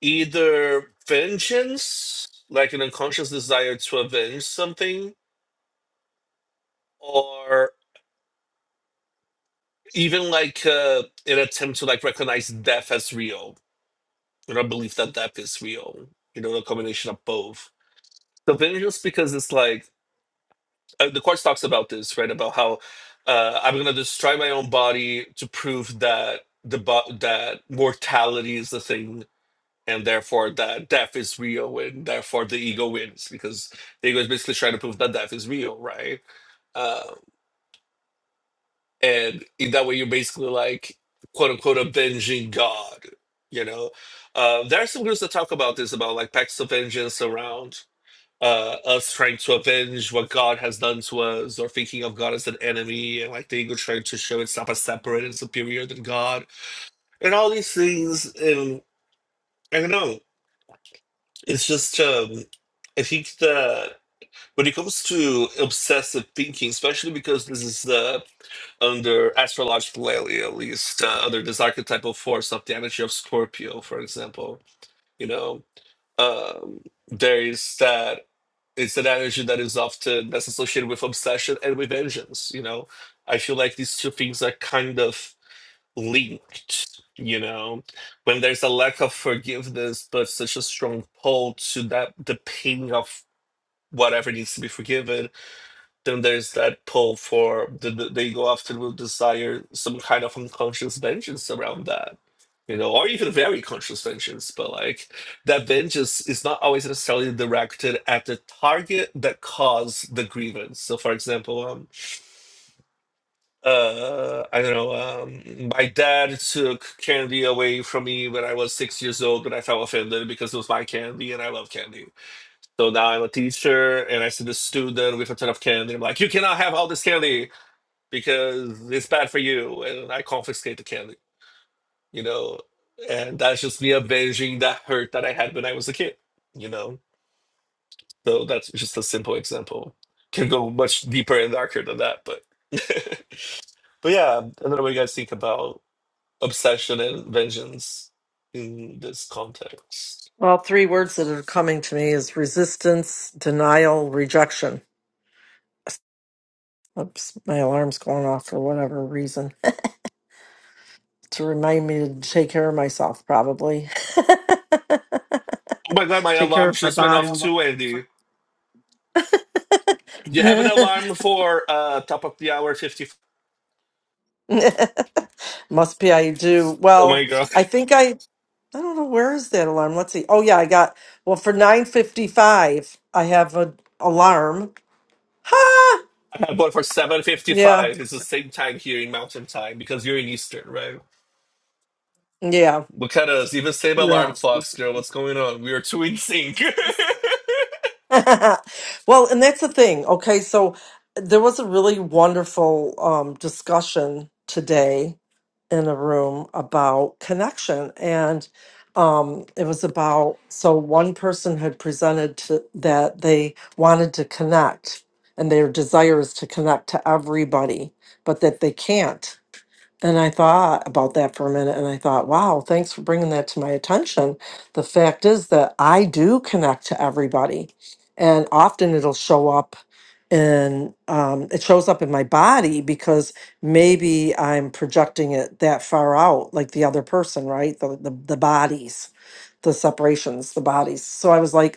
S4: either vengeance, like an unconscious desire to avenge something, or. even like uh, an attempt to like recognize death as real you know believe that death is real you know the combination of both so then just because it's like uh, the course talks about this right about how uh, i'm gonna destroy my own body to prove that the bo- that mortality is the thing and therefore that death is real and therefore the ego wins because the ego is basically trying to prove that death is real right Uh, and in that way you're basically like quote unquote avenging god you know uh, there are some groups that talk about this about like pacts of vengeance around uh, us trying to avenge what god has done to us or thinking of god as an enemy and like the ego trying to show itself as separate and superior than god and all these things and i don't know it's just um i think that when it comes to obsessive thinking especially because this is the under astrological lately at least uh, under this archetypal force of the energy of scorpio for example you know um there is that it's an energy that is often that's associated with obsession and with vengeance you know i feel like these two things are kind of linked you know when there's a lack of forgiveness but such a strong pull to that the pain of whatever needs to be forgiven then there's that pull for the, the- they go after will desire some kind of unconscious vengeance around that you know or even very conscious vengeance but like that vengeance is not always necessarily directed at the target that caused the grievance so for example um uh i don't know um my dad took candy away from me when i was six years old when i felt offended because it was my candy and i love candy so now i'm a teacher and i see the student with a ton of candy i'm like you cannot have all this candy because it's bad for you and I confiscate the candy, you know. And that's just me avenging that hurt that I had when I was a kid, you know. So that's just a simple example. Can go much deeper and darker than that, but but yeah, I don't know what you guys think about obsession and vengeance in this context.
S2: well three words that are coming to me is resistance denial rejection oops my alarm's going off for whatever reason to remind me to take care of myself probably
S4: Oh my god, my
S2: take care
S4: alarm
S2: of my
S4: just went
S2: body
S4: off too, Andy. You have an alarm for uh top of the hour fifty.
S2: must be i do
S4: Oh my
S2: well
S4: god.
S2: i think i I don't know where is that alarm. Let's see. Oh yeah, I got well for nine fifty five. I have an alarm. Ha!
S4: I bought for
S2: Yeah,
S4: 7.55 it's the same time here in mountain time because you're in eastern right
S2: yeah,
S4: look at us even same alarm
S2: yeah.
S4: clocks girl what's going on we are two in sync
S2: well, and that's the thing. Okay, so there was a really wonderful um, discussion today in a room about connection, and um, it was about so one person had presented to, that they wanted to connect, and their desire is to connect to everybody, but that they can't and I thought about that for a minute and I thought, wow, thanks for bringing that to my attention. The fact is that I do connect to everybody, and often it'll show up in um, it shows up in my body because maybe I'm projecting it that far out, like the other person, right? The, the, the bodies, the separations, the bodies. So I was like,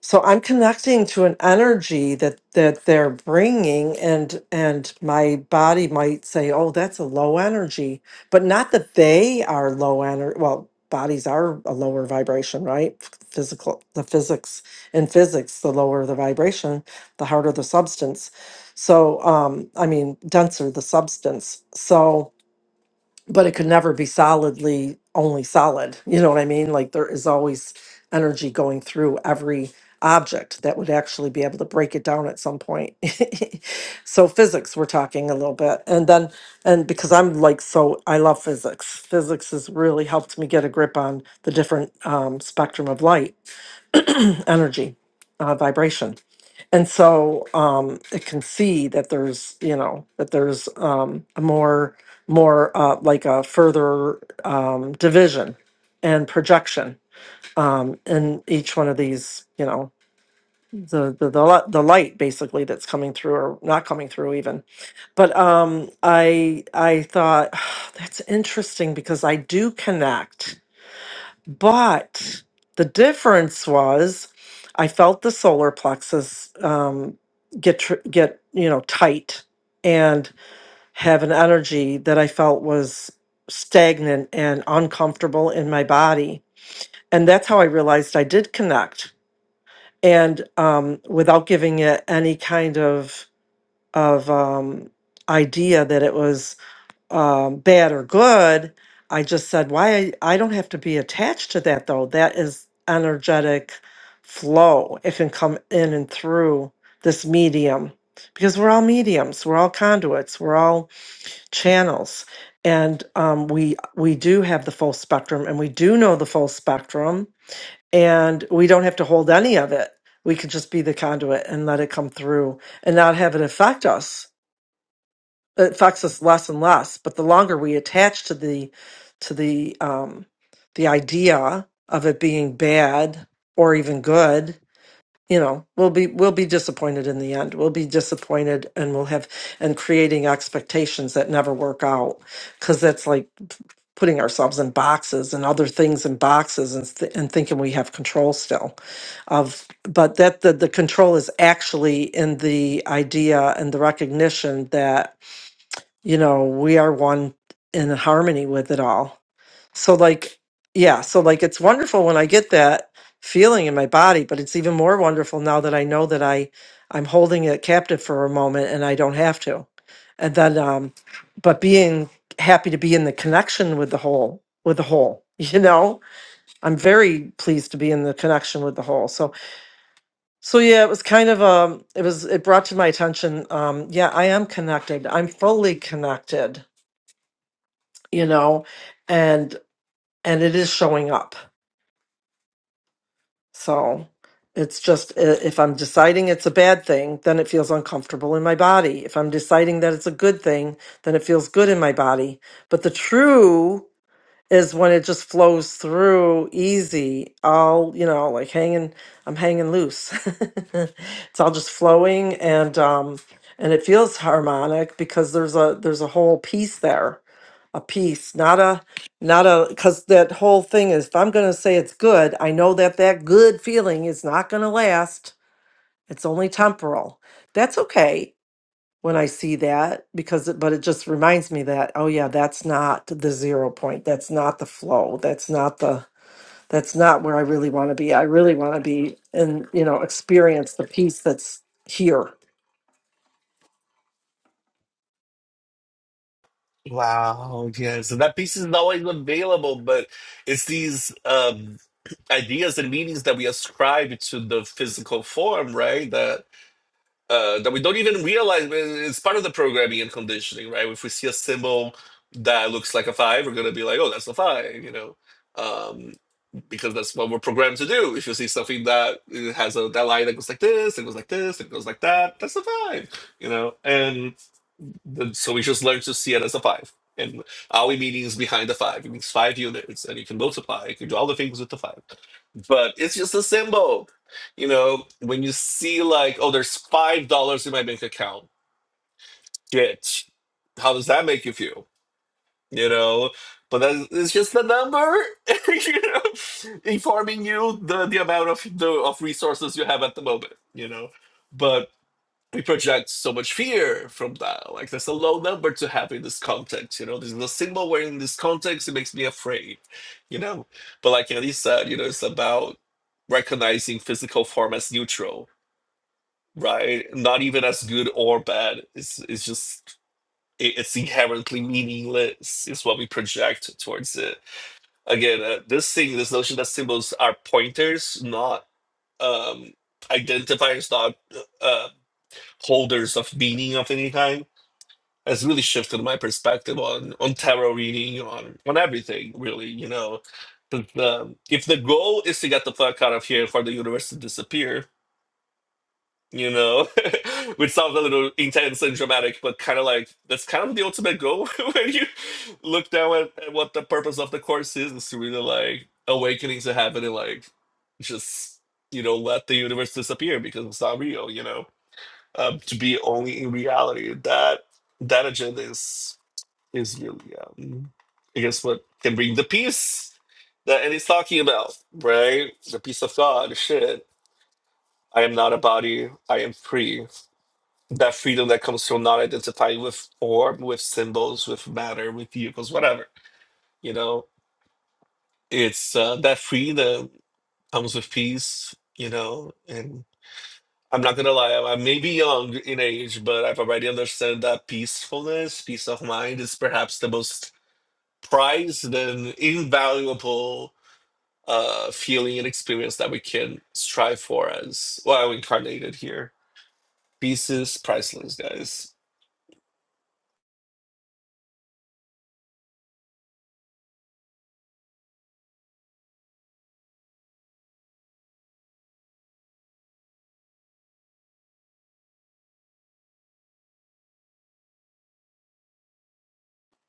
S2: so i'm connecting to an energy that that they're bringing and and my body might say oh that's a low energy but not that they are low energy well bodies are a lower vibration right physical the physics in physics the lower the vibration the harder the substance so um i mean denser the substance so but it could never be solidly only solid. You know what I mean? Like there is always energy going through every object that would actually be able to break it down at some point. so physics we're talking a little bit. And then and because I'm like so I love physics. Physics has really helped me get a grip on the different um, spectrum of light energy, uh, vibration. And so um, it can see that there's, you know, that there's um, a more, more uh, like a further um, division and projection um, in each one of these, you know, the, the the li- the light basically that's coming through or not coming through even but um i i thought that's interesting because i do connect but the difference was I felt the solar plexus um, get tr- get you know tight and have an energy that I felt was stagnant and uncomfortable in my body. And that's how I realized I did connect. And um, without giving it any kind of of um, idea that it was um, bad or good. I just said, why I, I don't have to be attached to that though. That is energetic flow. It can come in and through this medium because we're all mediums, we're all conduits, we're all channels, and um, we we do have the full spectrum, and we do know the full spectrum, and we don't have to hold any of it. We could just be the conduit and let it come through and not have it affect us it affects us less and less but the longer we attach to the to the um the idea of it being bad or even good you know we'll be we'll be disappointed in the end we'll be disappointed and we'll have and creating expectations that never work out because that's like putting ourselves in boxes and other things in boxes and, th- and thinking we have control still of but that the, the control is actually in the idea and the recognition that you know, we are one in harmony with it all. So, like, yeah, so like it's wonderful when I get that feeling in my body, but it's even more wonderful now that I know that I I'm holding it captive for a moment and I don't have to. And then um but being happy to be in the connection with the whole with the whole, you know? I'm very pleased to be in the connection with the whole. So so yeah, it was kind of um it was it brought to my attention um yeah, I am connected. I'm fully connected you know and and it is showing up so it's just i- if i'm deciding it's a bad thing then it feels uncomfortable in my body if i'm deciding that it's a good thing then it feels good in my body but the true is when it just flows through easy all you know like hanging i'm hanging loose it's all just flowing and um and it feels harmonic because there's a there's a whole piece there a piece, not a, not a, because that whole thing is if I'm going to say it's good, I know that that good feeling is not going to last. It's only temporal. That's okay when I see that because, it, but it just reminds me that, oh yeah, that's not the zero point. That's not the flow. That's not the, that's not where I really want to be. I really want to be and, you know, experience the peace that's here.
S4: wow yeah so that piece is not always available but it's these um ideas and meanings that we ascribe to the physical form, right? That uh, that we don't even realize but it's part of the programming and conditioning, right? If we see a symbol that looks like a five, we're gonna be like, "Oh, that's a five," you know. Um, because that's what we're programmed to do. If you see something that uh, has a that line that goes like this, it goes like this, it goes like that, that's a five, you know. And the, so we just learn to see it as a five. And all we mean is behind the five. It means five units, and you can multiply. You can do all the things with the five, but it's just a symbol. You know, when you see like, oh, there's five dollars in my bank account. Shit, how does that make you feel? you know but that, it's just a number you know informing you the, the amount of the of resources you have at the moment you know but we project so much fear from that like there's a low number to have in this context you know this is a symbol where in this context it makes me afraid you know but like Andy said you know it's about recognizing physical form as neutral right not even as good or bad it's it's just it- it's inherently meaningless is what we project towards it again uh, this thing this notion that symbols are pointers not um identifiers not uh uh, holders of meaning of any kind has really shifted my perspective on on tarot reading on on everything really you know 'Cause, um, if the goal is to get the fuck out of here for the universe to disappear you know, which sounds a little intense and dramatic, but kind of like that's kind of the ultimate goal when you look down at, at what the purpose of the course is, is to really like awakening to heaven and like just, you know, let the universe disappear because it's not real, you know, um, to be only in reality. That that agenda is is really, um, I guess, what can bring the peace that Eddie's talking about, right? The peace of God, shit. I am not a body. I am free that freedom that comes from not identifying with form, with symbols, with matter, with vehicles, whatever. You know, it's uh, that freedom comes with peace. You know, and I'm not gonna lie, I I may be young in age, but I've already understood that peacefulness, peace of mind, is perhaps the most prized and invaluable uh, feeling and experience that we can strive for as well incarnated here. Peace is priceless, guys.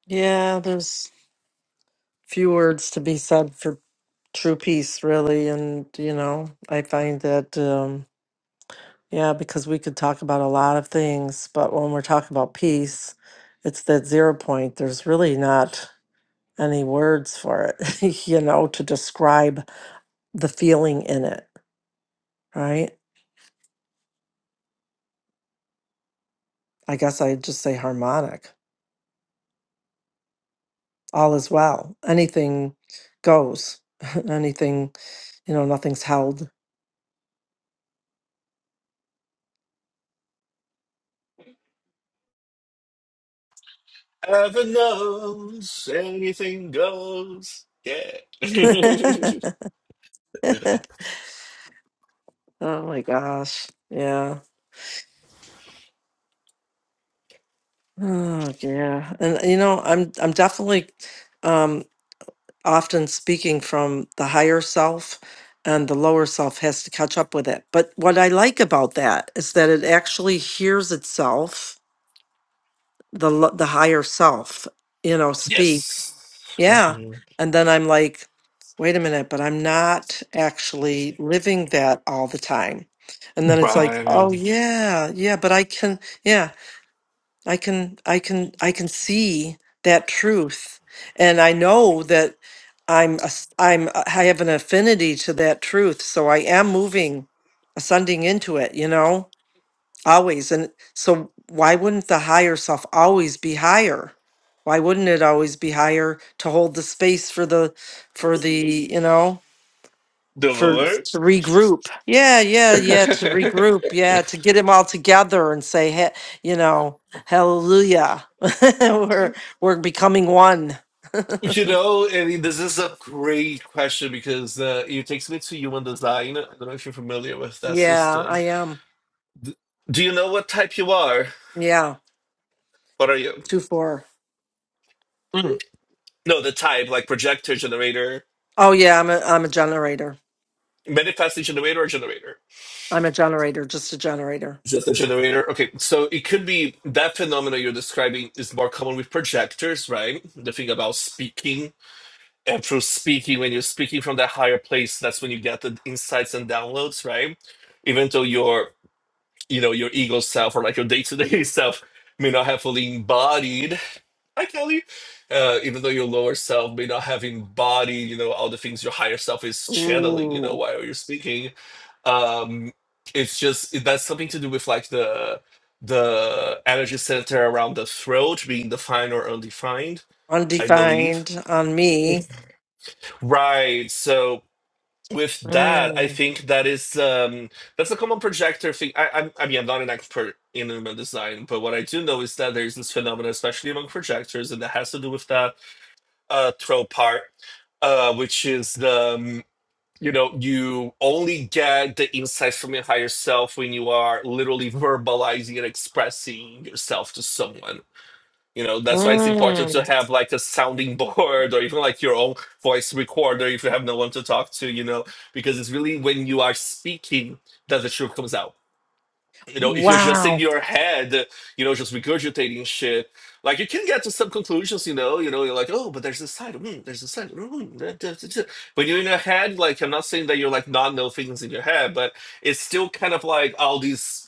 S2: Yeah, there's few words to be said for true peace really and you know i find that um yeah because we could talk about a lot of things but when we're talking about peace it's that zero point there's really not any words for it you know to describe the feeling in it right i guess i'd just say harmonic all is well anything goes anything you know nothing's held
S4: Ever knows anything goes. Yeah.
S2: oh my gosh yeah Oh yeah. And you know, I'm I'm definitely um often speaking from the higher self and the lower self has to catch up with it. But what I like about that is that it actually hears itself, the lo- the higher self, you know, speak.
S4: yes.
S2: Yeah.
S4: Mhm.
S2: And then I'm like, wait a minute, but I'm not actually living that all the time. And then it's like,
S4: By
S2: oh yeah, yeah, but I can, yeah. I can I can I can see that truth and I know that I'm a s- I'm a- i am i am I have an affinity to that truth so I am moving ascending into it you know always and so why wouldn't the higher self always be higher why wouldn't it always be higher to hold the space for the for the you know
S4: the
S2: for
S4: Lord.
S2: to regroup. Yeah, yeah, yeah, to regroup. Yeah, to get him all together and say, hey, you know, hallelujah. we're we're becoming one.
S4: you know, I mean, this is a great question because uh, it takes me to human design. I don't know if you're familiar with that
S2: yeah,
S4: system.
S2: I am.
S4: D- Do you know what type you are?
S2: Yeah,
S4: What are you?
S2: two four.
S4: Mm. No, the type, like projector, generator,
S2: Oh yeah, I'm a I'm a generator.
S4: manifesting generator, or generator.
S2: I'm a generator, just a generator.
S4: Just a generator. Okay, so it could be that phenomena you're describing is more common with projectors, right? The thing about speaking and through speaking, when you're speaking from that higher place, that's when you get the insights and downloads, right? Even though your, you know, your ego self or like your day-to-day self may not have fully embodied Hi, Kelly. Uh, even though your lower self may not having body, you know, all the things your higher self is channeling, you know,
S2: Ooh,
S4: while you're speaking. Um, it's just it- that's something to do with like the the energy center around the throat being defined or undefined, I believe.
S2: undefined on me.
S4: Right. So with that, I
S2: Mm,
S4: think that is um that's a common projector thing. I I'm, I mean I'm not an expert in human design, but what I do know is that there's this phenomenon, especially among projectors, and that has to do with that uh, throw part, uh, which is the um, you know you only get the insights from your higher self when you are literally verbalizing and expressing yourself to someone. You know that's why it's important to
S2: mm,
S4: have like a sounding board or even like your own voice recorder if you have no one to talk to. You know because it's really when you are speaking that the truth comes out you know, if you're just
S2: Wow.
S4: in your head, you know, just regurgitating shit, like you can get to some conclusions, you know, you know, you're like, oh, but there's this side, mm, there's this side, mm, da, da, da, da." when you're in your head, like I'm not saying that you're like not know things in your head, but it's still kind of like all these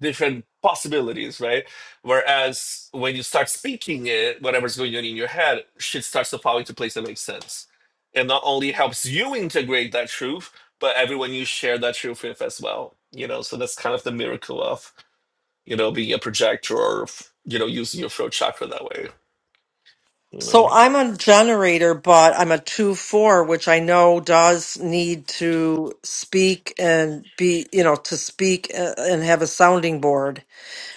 S4: different possibilities, right? Whereas when you start speaking it, whatever's going on in your head, shit starts to fall into place that makes sense. And not only helps you integrate that truth, but everyone you share that truth with as well. You know, so that's kind of the miracle of, you know, being a projector or, you know, using your throat chakra that way, you
S2: So
S4: know?
S2: I'm a generator, but I'm a two four, which I know does need to speak and be, you know, to speak uh, and have a sounding board,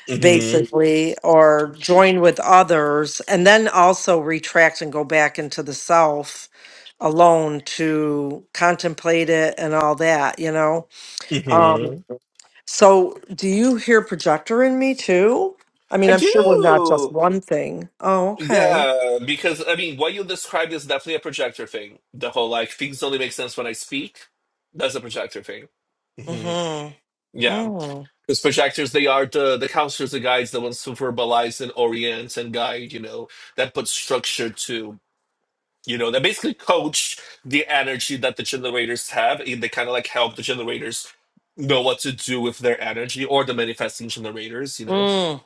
S4: hmm
S2: basically, or join with others, and then also retract and go back into the self alone to contemplate it and all that, you know. Um,
S4: hmm
S2: so do you hear projector in me too? I mean,
S4: I
S2: I'm sure we're not
S4: do.
S2: just one thing. Oh, okay.
S4: Yeah, because I mean, what you described is definitely a projector thing. The whole like things only make sense when I speak. That's a projector thing. hmm
S2: Mm-hmm.
S4: Yeah, because projectors they are the the counselors, the guides, the ones who verbalize and orient and guide. You know, that put structure to. You know, they basically coach the energy that the generators have, and they kind of like help the generators know what to do with their energy or the manifesting generators. You know
S2: Mm,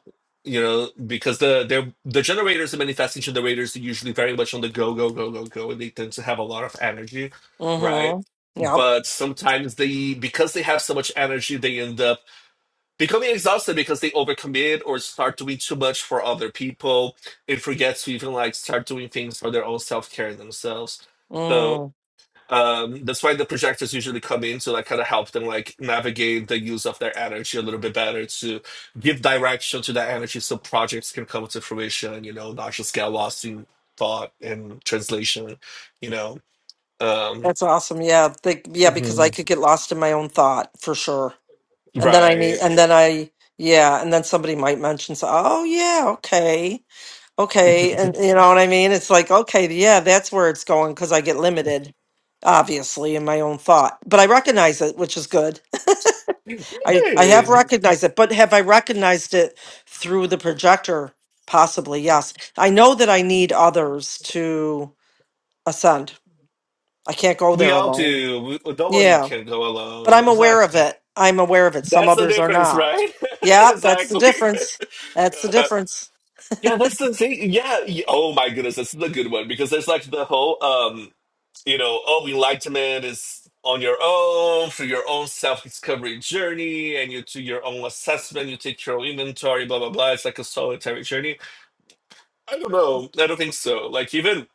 S4: you know, because the the the generators and manifesting generators are usually very much on the go, go, go, go, go, and they tend to have a lot of energy, right?
S2: mm-hmm. Yep.
S4: But sometimes they, because they have so much energy, they end up becoming exhausted because they overcommit or start doing too much for other people and forget to even like start doing things for their own self care themselves. So.
S2: Mm,
S4: Um, that's why the projectors usually come in to like kind of help them like navigate the use of their energy a little bit better to give direction to that energy so projects can come to fruition, you know, not just get lost in thought and translation, you know. Um
S2: that's awesome. Yeah. Think, yeah, because I
S4: mhm,
S2: could get lost in my own thought for sure. And then I need,
S4: right.
S2: and then I, yeah, and then somebody might mention, so, oh, yeah, okay, okay. And you know what I mean? It's like, okay, yeah, that's where it's going because I get limited, obviously, in my own thought. But I recognize it, which is good. I, I have
S4: Right.
S2: recognized it, but have I recognized it through the projector? Possibly, yes. I know that I need others to. Ascend. I can't go
S4: We
S2: there
S4: all
S2: alone.
S4: do. We, no one
S2: Yeah,
S4: can go
S2: but
S4: alone.
S2: I'm aware of
S4: Exactly.
S2: it. I'm aware of it. Some
S4: That's the
S2: others are
S4: difference,
S2: not.
S4: right?
S2: Yeah, that's the
S4: exactly.
S2: difference. That's the difference.
S4: Yeah, that's the thing. Yeah. y- Oh my goodness, that's the good one because there's like the whole, um, you know, oh, enlightenment is on your own through your own self-discovery journey, and you do your own assessment, you take your own inventory, blah blah blah. It's like a solitary journey. I don't know. I don't think so. Like even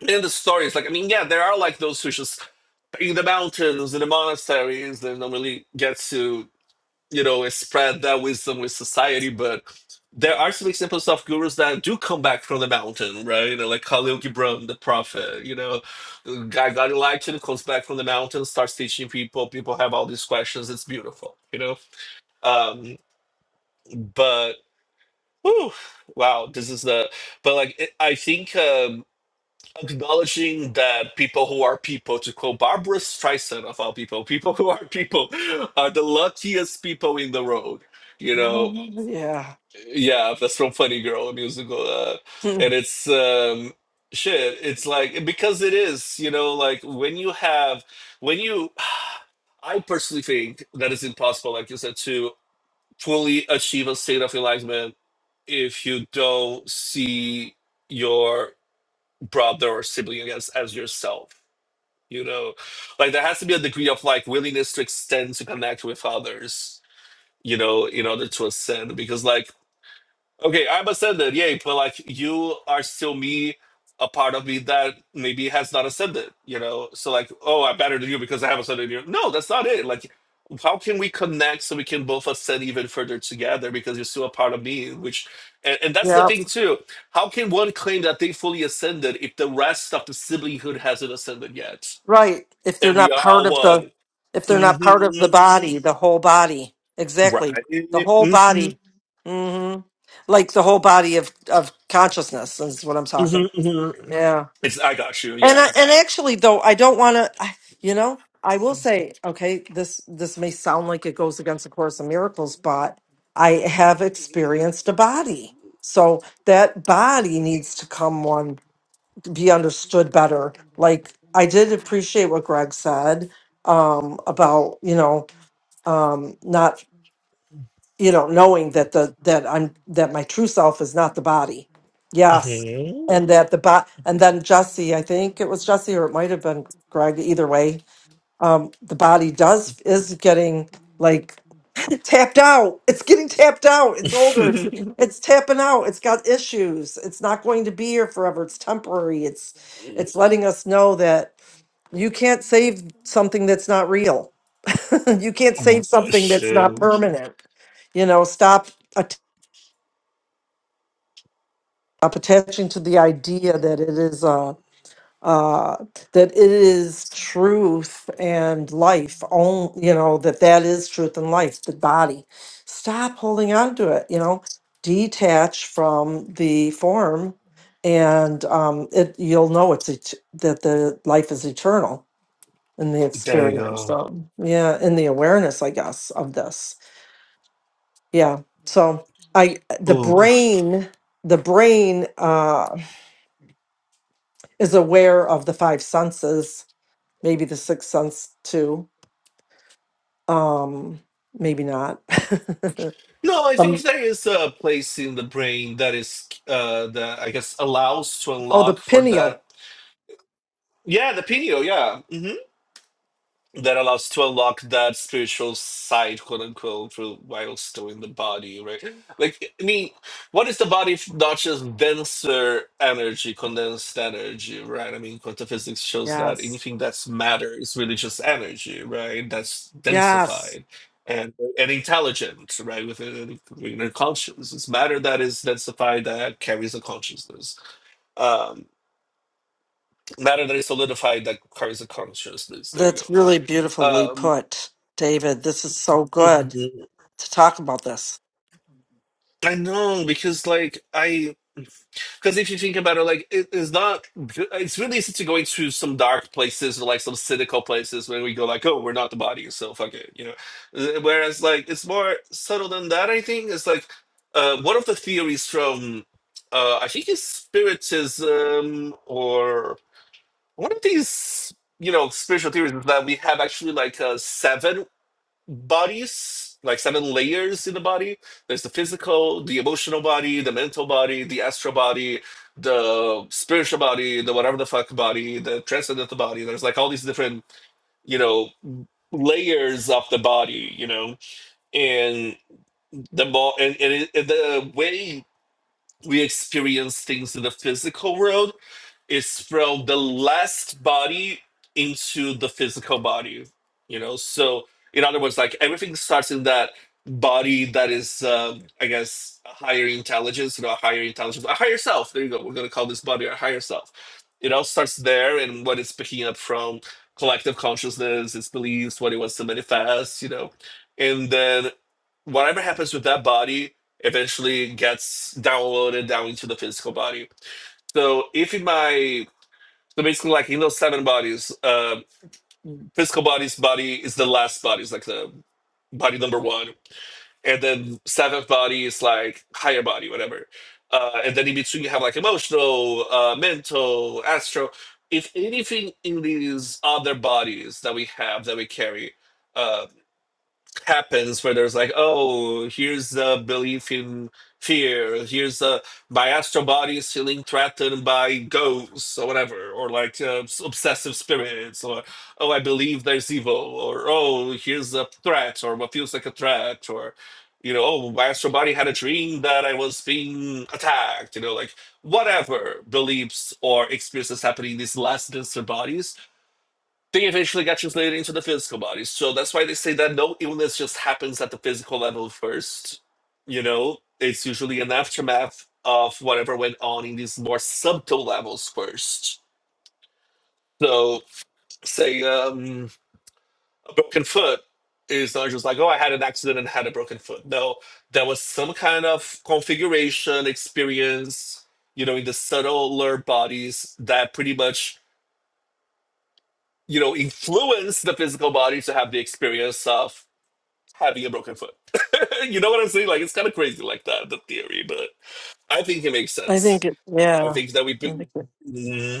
S4: in the stories, like I mean, yeah, there are like those who just in the mountains, in the monasteries, they don't really get to you know, spread that wisdom with society. But there are some examples of gurus that do come back from the mountain, right? You know, like Khalil Gibran, the prophet, you know, guy got enlightened, comes back from the mountain, starts teaching people. People have all these questions. It's beautiful, you know? Um, but, whew, wow, this is the, but like, it, I think um, acknowledging that people who are people, to quote Barbara Streisand of all people, people who are people are the luckiest people in the world you know
S2: Yeah.
S4: Yeah, that's from Funny Girl a musical, uh,
S2: Hmm.
S4: and it's um, shit. It's like because it is, you know, like when you have when you, I personally think that it's impossible, like you said, to fully achieve a state of enlightenment if you don't see your brother or sibling as as yourself. You know, like there has to be a degree of like willingness to extend to connect with others. You know, in order to ascend, because like Okay, I'm a ascended, yay, but like you are still me, a part of me that maybe has not ascended, you know? So like, oh, I'm better than you because I have ascended you. No, that's not it. Like, how can we connect so we can both ascend even further together because you're still a part of me, which and, and that's the
S2: Yeah.
S4: thing too. How can one claim that they fully ascended if the rest of the siblinghood hasn't ascended yet?
S2: Right. If they're
S4: And we
S2: not
S4: are
S2: part
S4: all
S2: of the
S4: one.
S2: if they're not part of the
S4: hmm
S2: body, the whole body.
S4: Right.
S2: Exactly. The whole
S4: hmm
S2: body. Mhm. Like the whole body of of consciousness is what I'm
S4: hmm
S2: talking.
S4: hmm
S2: Yeah.
S4: It's I got you,
S2: And I,
S4: yeah.
S2: and actually though I don't want to you know I will say okay this this may sound like it goes against the course of miracles but I have experienced a body. So that body needs to come one be understood better. Like I did appreciate what Greg said um about you know um not you know knowing that the that i'm that my true self is not the body yes and that the body and then jesse i think it was jesse or it might have been greg either way um the body does is getting like tapped out it's getting tapped out it's older it's, it's tapping out it's got issues it's not going to be here forever it's temporary it's it's letting us know that you can't save something that's not real you can't save something that's not
S4: Shoot.
S2: permanent. You know, stop att- stop attaching to the idea that it is uh, uh, that it is truth and life. On you know that that is truth and life. The body. Stop holding on to it. You know, detach from the form, and um, it you'll know it's et- that the life is eternal in the
S4: There you
S2: experience.
S4: go.
S2: So yeah, in the awareness, I guess, of this. yeah so i the
S4: Ooh.
S2: brain the brain uh is aware of the five senses maybe the sixth sense too um maybe not
S4: No, I
S2: um,
S4: think there is a place in the brain that is uh that I guess allows to
S2: oh the
S4: unlock for that.
S2: pineal
S4: Yeah, the pineal, yeah. Mm-hmm. that allows to unlock that spiritual side, quote unquote, for while still in the body, right? Like, I mean, what is the body if not just denser energy, condensed energy, right? I mean, quantum physics shows that
S2: yes
S4: anything that's matter is really just energy, right? That's
S2: yes
S4: densified and and intelligent, right? Within inner consciousness, it's matter that is densified that carries a consciousness. Um, matter that is solidified that carries a consciousness. There you go.
S2: That's really beautifully
S4: Um,
S2: put, David. This is so good to talk about this.
S4: I know because like I because if you think about it, like it is not good- it's really easy to go into some dark places or like some cynical places where we go like oh we're not the body so fuck it you know Uh, whereas like it's more subtle than that I think it's like uh, one of the theories from uh, I think it's spiritism or one of these you know spiritual theories is that we have actually like uh, seven bodies, like seven layers in the body. There's the physical, the emotional body, the mental body, the astral body, the spiritual body, the whatever the fuck body, the transcendental body. There's like all these different, you know, layers of the body, you know, and the more and, and, it, and the way we experience things in the physical world is from the last body into the physical body you know so in other words like everything starts in that body that is um, i guess a higher intelligence you know a higher intelligence a higher self there you go we're going to call this body our higher self it all starts there and what it's picking up from collective consciousness its beliefs what it wants to manifest you know and then whatever happens with that body eventually gets downloaded down into the physical body so if in my so basically, like in those seven bodies, uh, physical body's body is the last body, is like the body number one, and then seventh body is like higher body, whatever. Uh, and then in between, you have like emotional, uh, mental, astral. If anything in these other bodies that we have that we carry uh, happens where there's like, oh, here's the belief in fear. Here's the my astral body is feeling threatened by ghosts or whatever, or like uh, s- obsessive spirits, or oh, I believe there's evil, or oh, here's a threat, or what feels like a threat, or you know, oh, my astral body had a dream that I was being attacked. You know, like whatever beliefs or experiences happening in these less denser bodies they eventually get translated into the physical body. So that's why they say that no illness just happens at the physical level first. You know, it's usually an aftermath of whatever went on in these more subtle levels first. So, say um, a broken foot is not just like, oh, I had an accident and had a broken foot. No, there was some kind of configuration experience, you know, in the subtler bodies that pretty much, you know, influence the physical body to have the experience of having a broken foot. you know what I'm saying? Like it's kind of crazy like that, the theory, but I think it makes
S2: I think
S4: sense.
S2: it,
S4: I
S2: yeah,
S4: think that we
S2: I
S4: be-
S2: think it,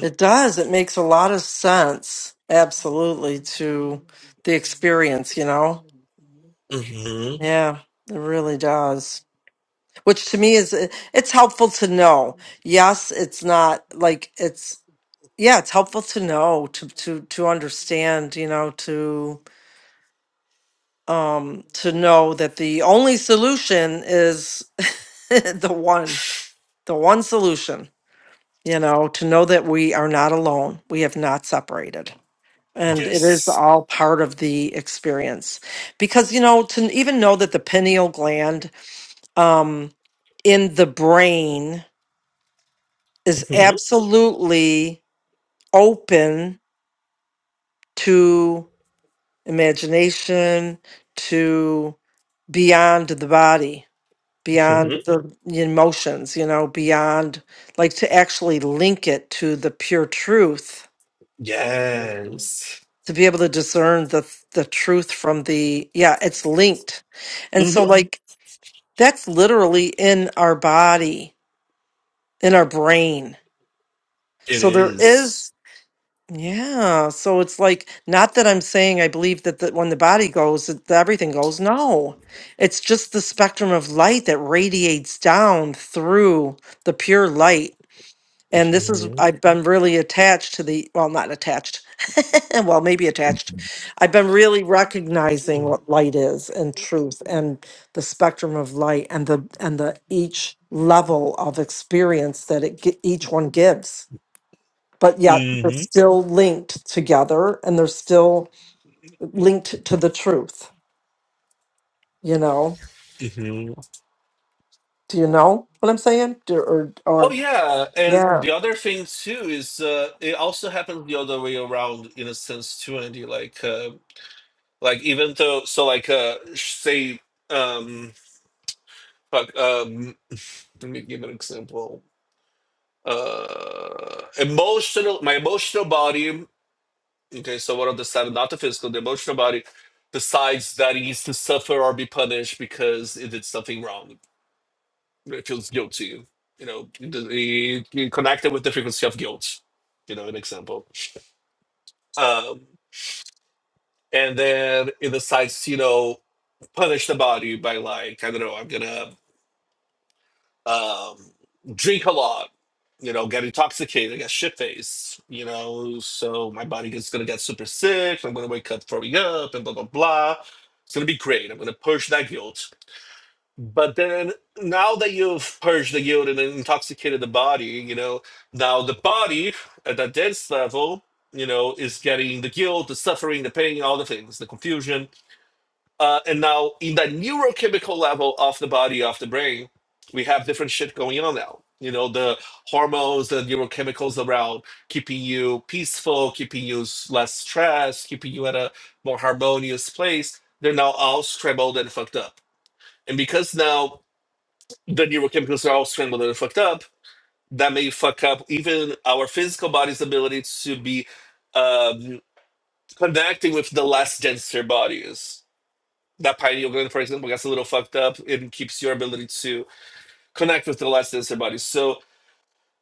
S2: it does. It makes a lot of sense, absolutely, to the experience, you know?
S4: Mm-hmm.
S2: Yeah, it really does. Which to me is, it- it's helpful to know. Yes, it's not like it's, yeah, it's helpful to know, to, to, to understand, you know, to. um, to know that the only solution is the one, the one solution, you know, to know that we are not alone. We have not separated. And it is
S4: Yes.
S2: all part of the experience. Because, you know, to even know that the pineal gland um, in the brain is
S4: hmm
S2: absolutely open to imagination, to beyond the body
S4: hmm
S2: beyond the emotions, you know, beyond like to actually link it to the pure truth,
S4: Yes.
S2: to be able to discern the the truth from the yeah, it's linked. And
S4: hmm
S2: so Mhm. like that's literally in our body, in our brain.
S4: It
S2: So there is yeah, so it's like not that I'm saying I believe that the, when the body goes that the- everything goes. No. It's just the spectrum of light that radiates down through the pure light And this is,
S4: Mm-hmm.
S2: I've been really attached to the, well, not attached, well, maybe attached. I've been really recognizing what light is and truth and the spectrum of light and the, and the each level of experience that it, gi- each one gives. But yet they're
S4: hmm
S2: still linked together and they're still linked to the truth, you know?
S4: hmm
S2: Do you know what I'm saying? Do- Or,
S4: Oh
S2: or,
S4: yeah, and
S2: yeah.
S4: the other thing too is uh, it also happens the other way around in a sense too, Andy. Like, uh, like even though, so like, uh, say, um, Fuck, um, let me give an example. Uh, emotional, my emotional body. Okay, so one of the seven, not the physical, the emotional body decides that it needs to suffer or be punished because it did something wrong. It feels guilty. You know, it, it, it connected with the frequency of guilt. You know, an example. Um, and then it decides, you know, punish the body by like I don't know. I'm gonna um, drink a lot, you know, get intoxicated, get shit faced, you know, so my body is gonna get super sick. I'm gonna wake up throwing up and blah blah blah. It's gonna be great. I'm gonna purge that guilt. But then now that you've purged the guilt and intoxicated the body, you know, now the body at that dense level, you know, is getting the guilt, the suffering, the pain, all the things, the confusion uh, and now, in the neurochemical level of the body, of the brain, we have different shit going on now. You know, the hormones, the neurochemicals around keeping you peaceful, keeping you s- less stressed, keeping you at a more harmonious place. They're now all scrambled and fucked up. And because now the neurochemicals are all scrambled and fucked up, that may fuck up even our physical body's ability to be um, connecting with the less denser bodies that pineal gland, for example, gets a little fucked up. It keeps your ability to connect with the less denser bodies. So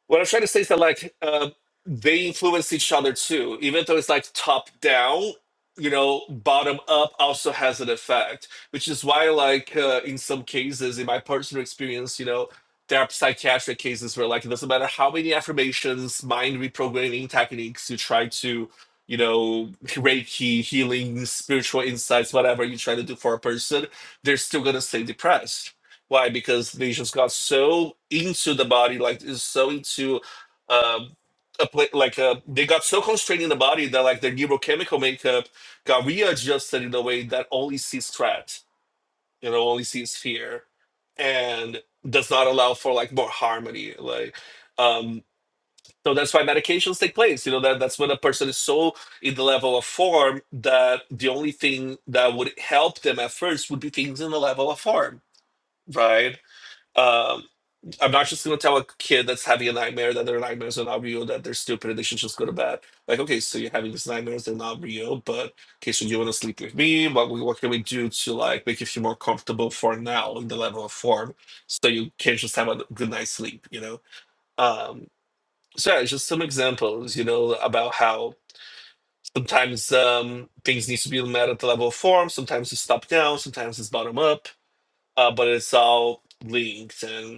S4: what I'm trying to say is that like uh, they influence each other too. Even though it's like top down, you know, bottom up also has an effect, which is why like uh, in some cases, in my personal experience, you know, there are psychiatric cases where like it doesn't matter how many affirmations, mind reprogramming techniques you try to you know reiki healing spiritual insights whatever you try to do for a person they're still going to stay depressed why? Because they just got so into the body, like is so into um a pla like uh, they got so constrained in the body that like their neurochemical makeup got readjusted in a way that only sees threat, you know, only sees fear, and does not allow for like more harmony. Like, um, so that's why medications take place. You know that that's when a person is so in the level of form that the only thing that would help them at first would be things in the level of form, right? Um, I'm not just gonna tell a kid that's having a nightmare that their nightmares are not real, that they're stupid and they should just go to bed. Like, okay, so you're having these nightmares, they're not real, but okay, so you wanna sleep with me? What we- what can we do to like make you feel more comfortable for now in the level of form so you can just have a good night's sleep, you know? Um so yeah, it's just some examples, you know, about how sometimes um things need to be met at the level of form, sometimes it's top down, sometimes it's bottom up, uh, but it's all linked and.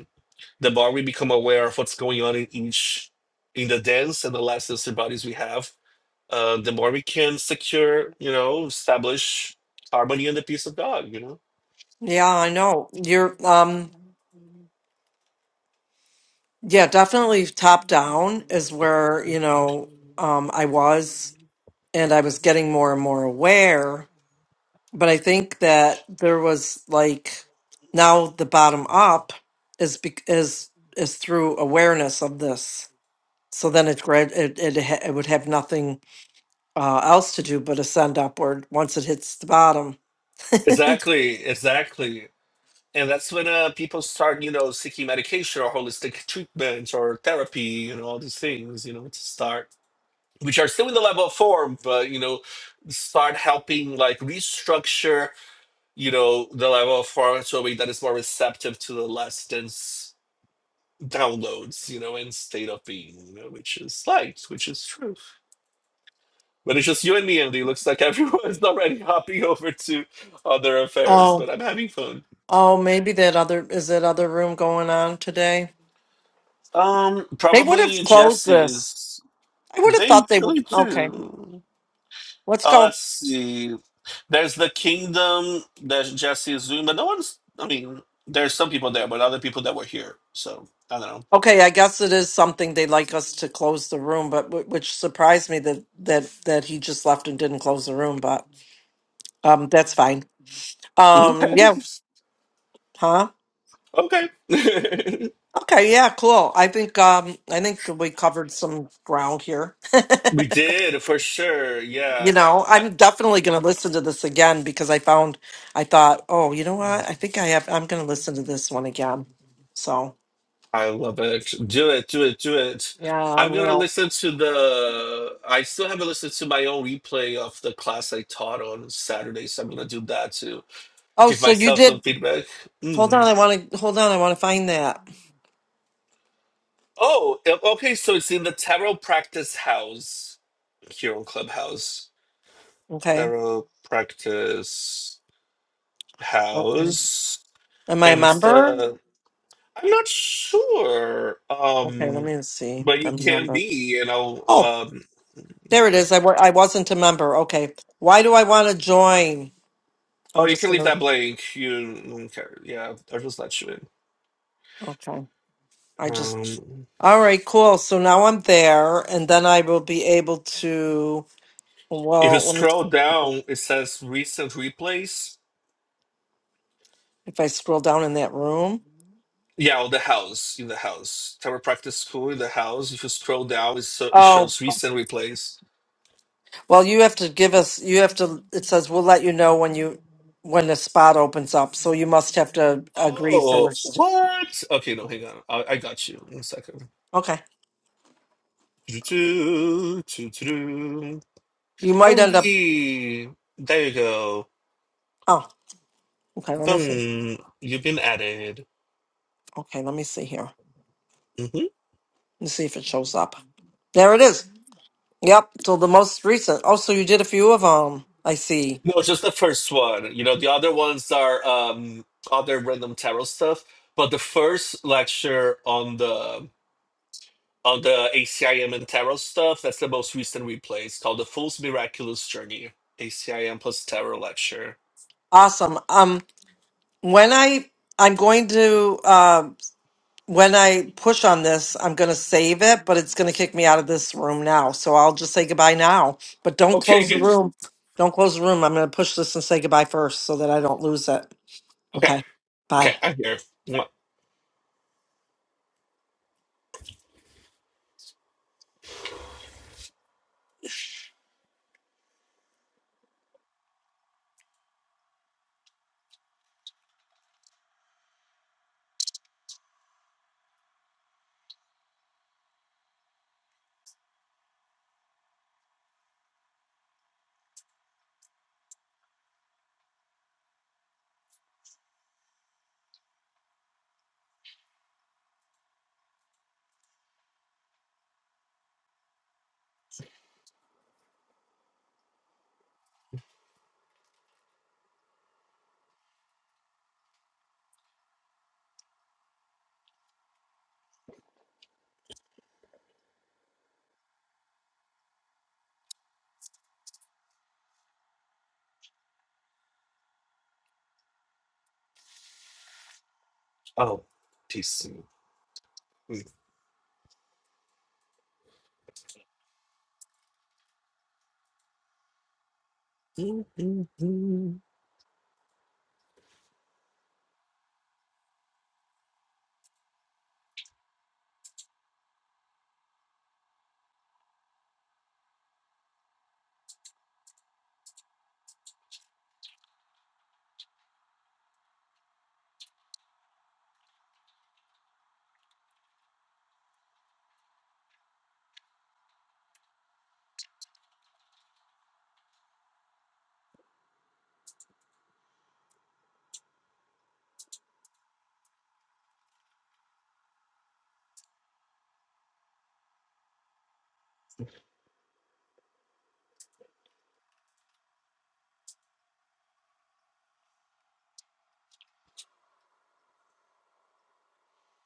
S4: The more we become aware of what's going on in each, in the dance and the less sensory bodies we have, uh, the more we can secure, you know, establish harmony in the piece of dog, you know?
S2: Yeah, I know. You're, um, Yeah, definitely top down is where, you know, um, I was and I was getting more and more aware. But I think that there was like now the bottom up is bec- is is through awareness of this. So then it grad it it, ha- it would have nothing uh, else to do but ascend upward once it hits the bottom.
S4: Exactly, exactly. And that's when uh, people start, you know, seeking medication or holistic treatment or therapy, you know, all these things, you know, to start, which are still in the level of form, but, you know, start helping like restructure, you know, the level of form to a way that is more receptive to the less dense downloads, you know, and state of being, you know, which is light, which is truth. But it's just you and me, Andy. Looks like everyone's already hopping over to other affairs,
S2: Oh,
S4: but I'm having fun.
S2: oh, maybe that other is that other room going on today.
S4: Um,
S2: They would have
S4: probably
S2: closed this.
S4: Jesse's.
S2: I would have
S4: They
S2: thought they would.
S4: usually
S2: Okay.
S4: do.
S2: Let's
S4: Uh,
S2: go.
S4: let's see. There's the kingdom that Jesse is doing, but no one's. I mean, there's some people there, but other people that were here. So I don't
S2: Okay, I guess it is something they'd like us to close the room, but wh- which surprised me that that that he just left and didn't close the room. But um, that's fine.
S4: know.
S2: Um,
S4: Okay.
S2: yeah, huh?
S4: Okay.
S2: Okay, yeah, cool. I think um, I think we covered some ground here.
S4: we did for sure.
S2: you
S4: Yeah.
S2: know,
S4: Uh,
S2: I'm definitely going to listen to this again because I found I thought, oh, you know what? I think I have. I'm going to listen to this one again. So
S4: I love it. Do it, do it, do it.
S2: yeah, I
S4: I'm gonna
S2: will.
S4: listen to the. I still haven't listened to my own replay of the class I taught on Saturday, so I'm gonna do that to
S2: Oh,
S4: give
S2: so you
S4: myself
S2: did.
S4: some feedback.
S2: Hold on,
S4: Mm.
S2: I want to hold on. I want to find that.
S4: Oh, o- okay. So it's in the tarot practice house here on Clubhouse.
S2: Okay.
S4: Tarot practice
S2: Okay.
S4: house,
S2: Am I a
S4: and it's
S2: member?
S4: the. I'm not sure.
S2: Okay, let
S4: Um,
S2: me see.
S4: but
S2: if
S4: you
S2: I'm a
S4: can be,
S2: member.
S4: you
S2: Oh,
S4: know.
S2: there it is. I, wa- I wasn't a member. Okay. Why do I want to join?
S4: Oh,
S2: I'm
S4: you
S2: just
S4: can leave
S2: going to.
S4: that blank. You don't care. Yeah, I'll just let you in.
S2: Okay. I just.
S4: Um,
S2: All right, cool. So now I'm there, and then I will be able to.
S4: if you
S2: Well, let
S4: scroll
S2: me,
S4: down, it says recent replays.
S2: if I scroll down in that room.
S4: Yeah, oh, the house in the house. Tower practice school in the house. If you scroll down, it, so, it
S2: Oh,
S4: shows recent replays.
S2: well, you have to give us, you have to, it says we'll let you know when you, when the spot opens up. So you must have to agree
S4: Oh,
S2: first.
S4: what? Okay, no, hang on. I, I got you. One second.
S2: Okay.
S4: Doo-doo, doo-doo.
S2: You might end up,
S4: Andy, there you go.
S2: oh, Okay, let me see.
S4: Boom. You've been added.
S2: Okay, let me see here.
S4: Mhm.
S2: Let me see if it shows up. There it is. Yep. So the most recent. Oh, so you did a few of them. I see.
S4: No, just the first one. You know, the other ones are um other random tarot stuff. But the first lecture on the on the ACIM and tarot stuff, that's the most recent replay. It's called The Fool's Miraculous Journey. ACIM plus tarot lecture.
S2: Awesome. Um, when I I'm going to uh, when I push on this, I'm going to save it, but it's going to kick me out of this room now. So I'll just say goodbye now. But don't
S4: Okay,
S2: close the
S4: good.
S2: room. Don't close the room. I'm going to push this and say goodbye first, so that I don't lose it.
S4: Okay,
S2: Okay. Bye.
S4: okay, I'm here. Mwah. Oh, peace.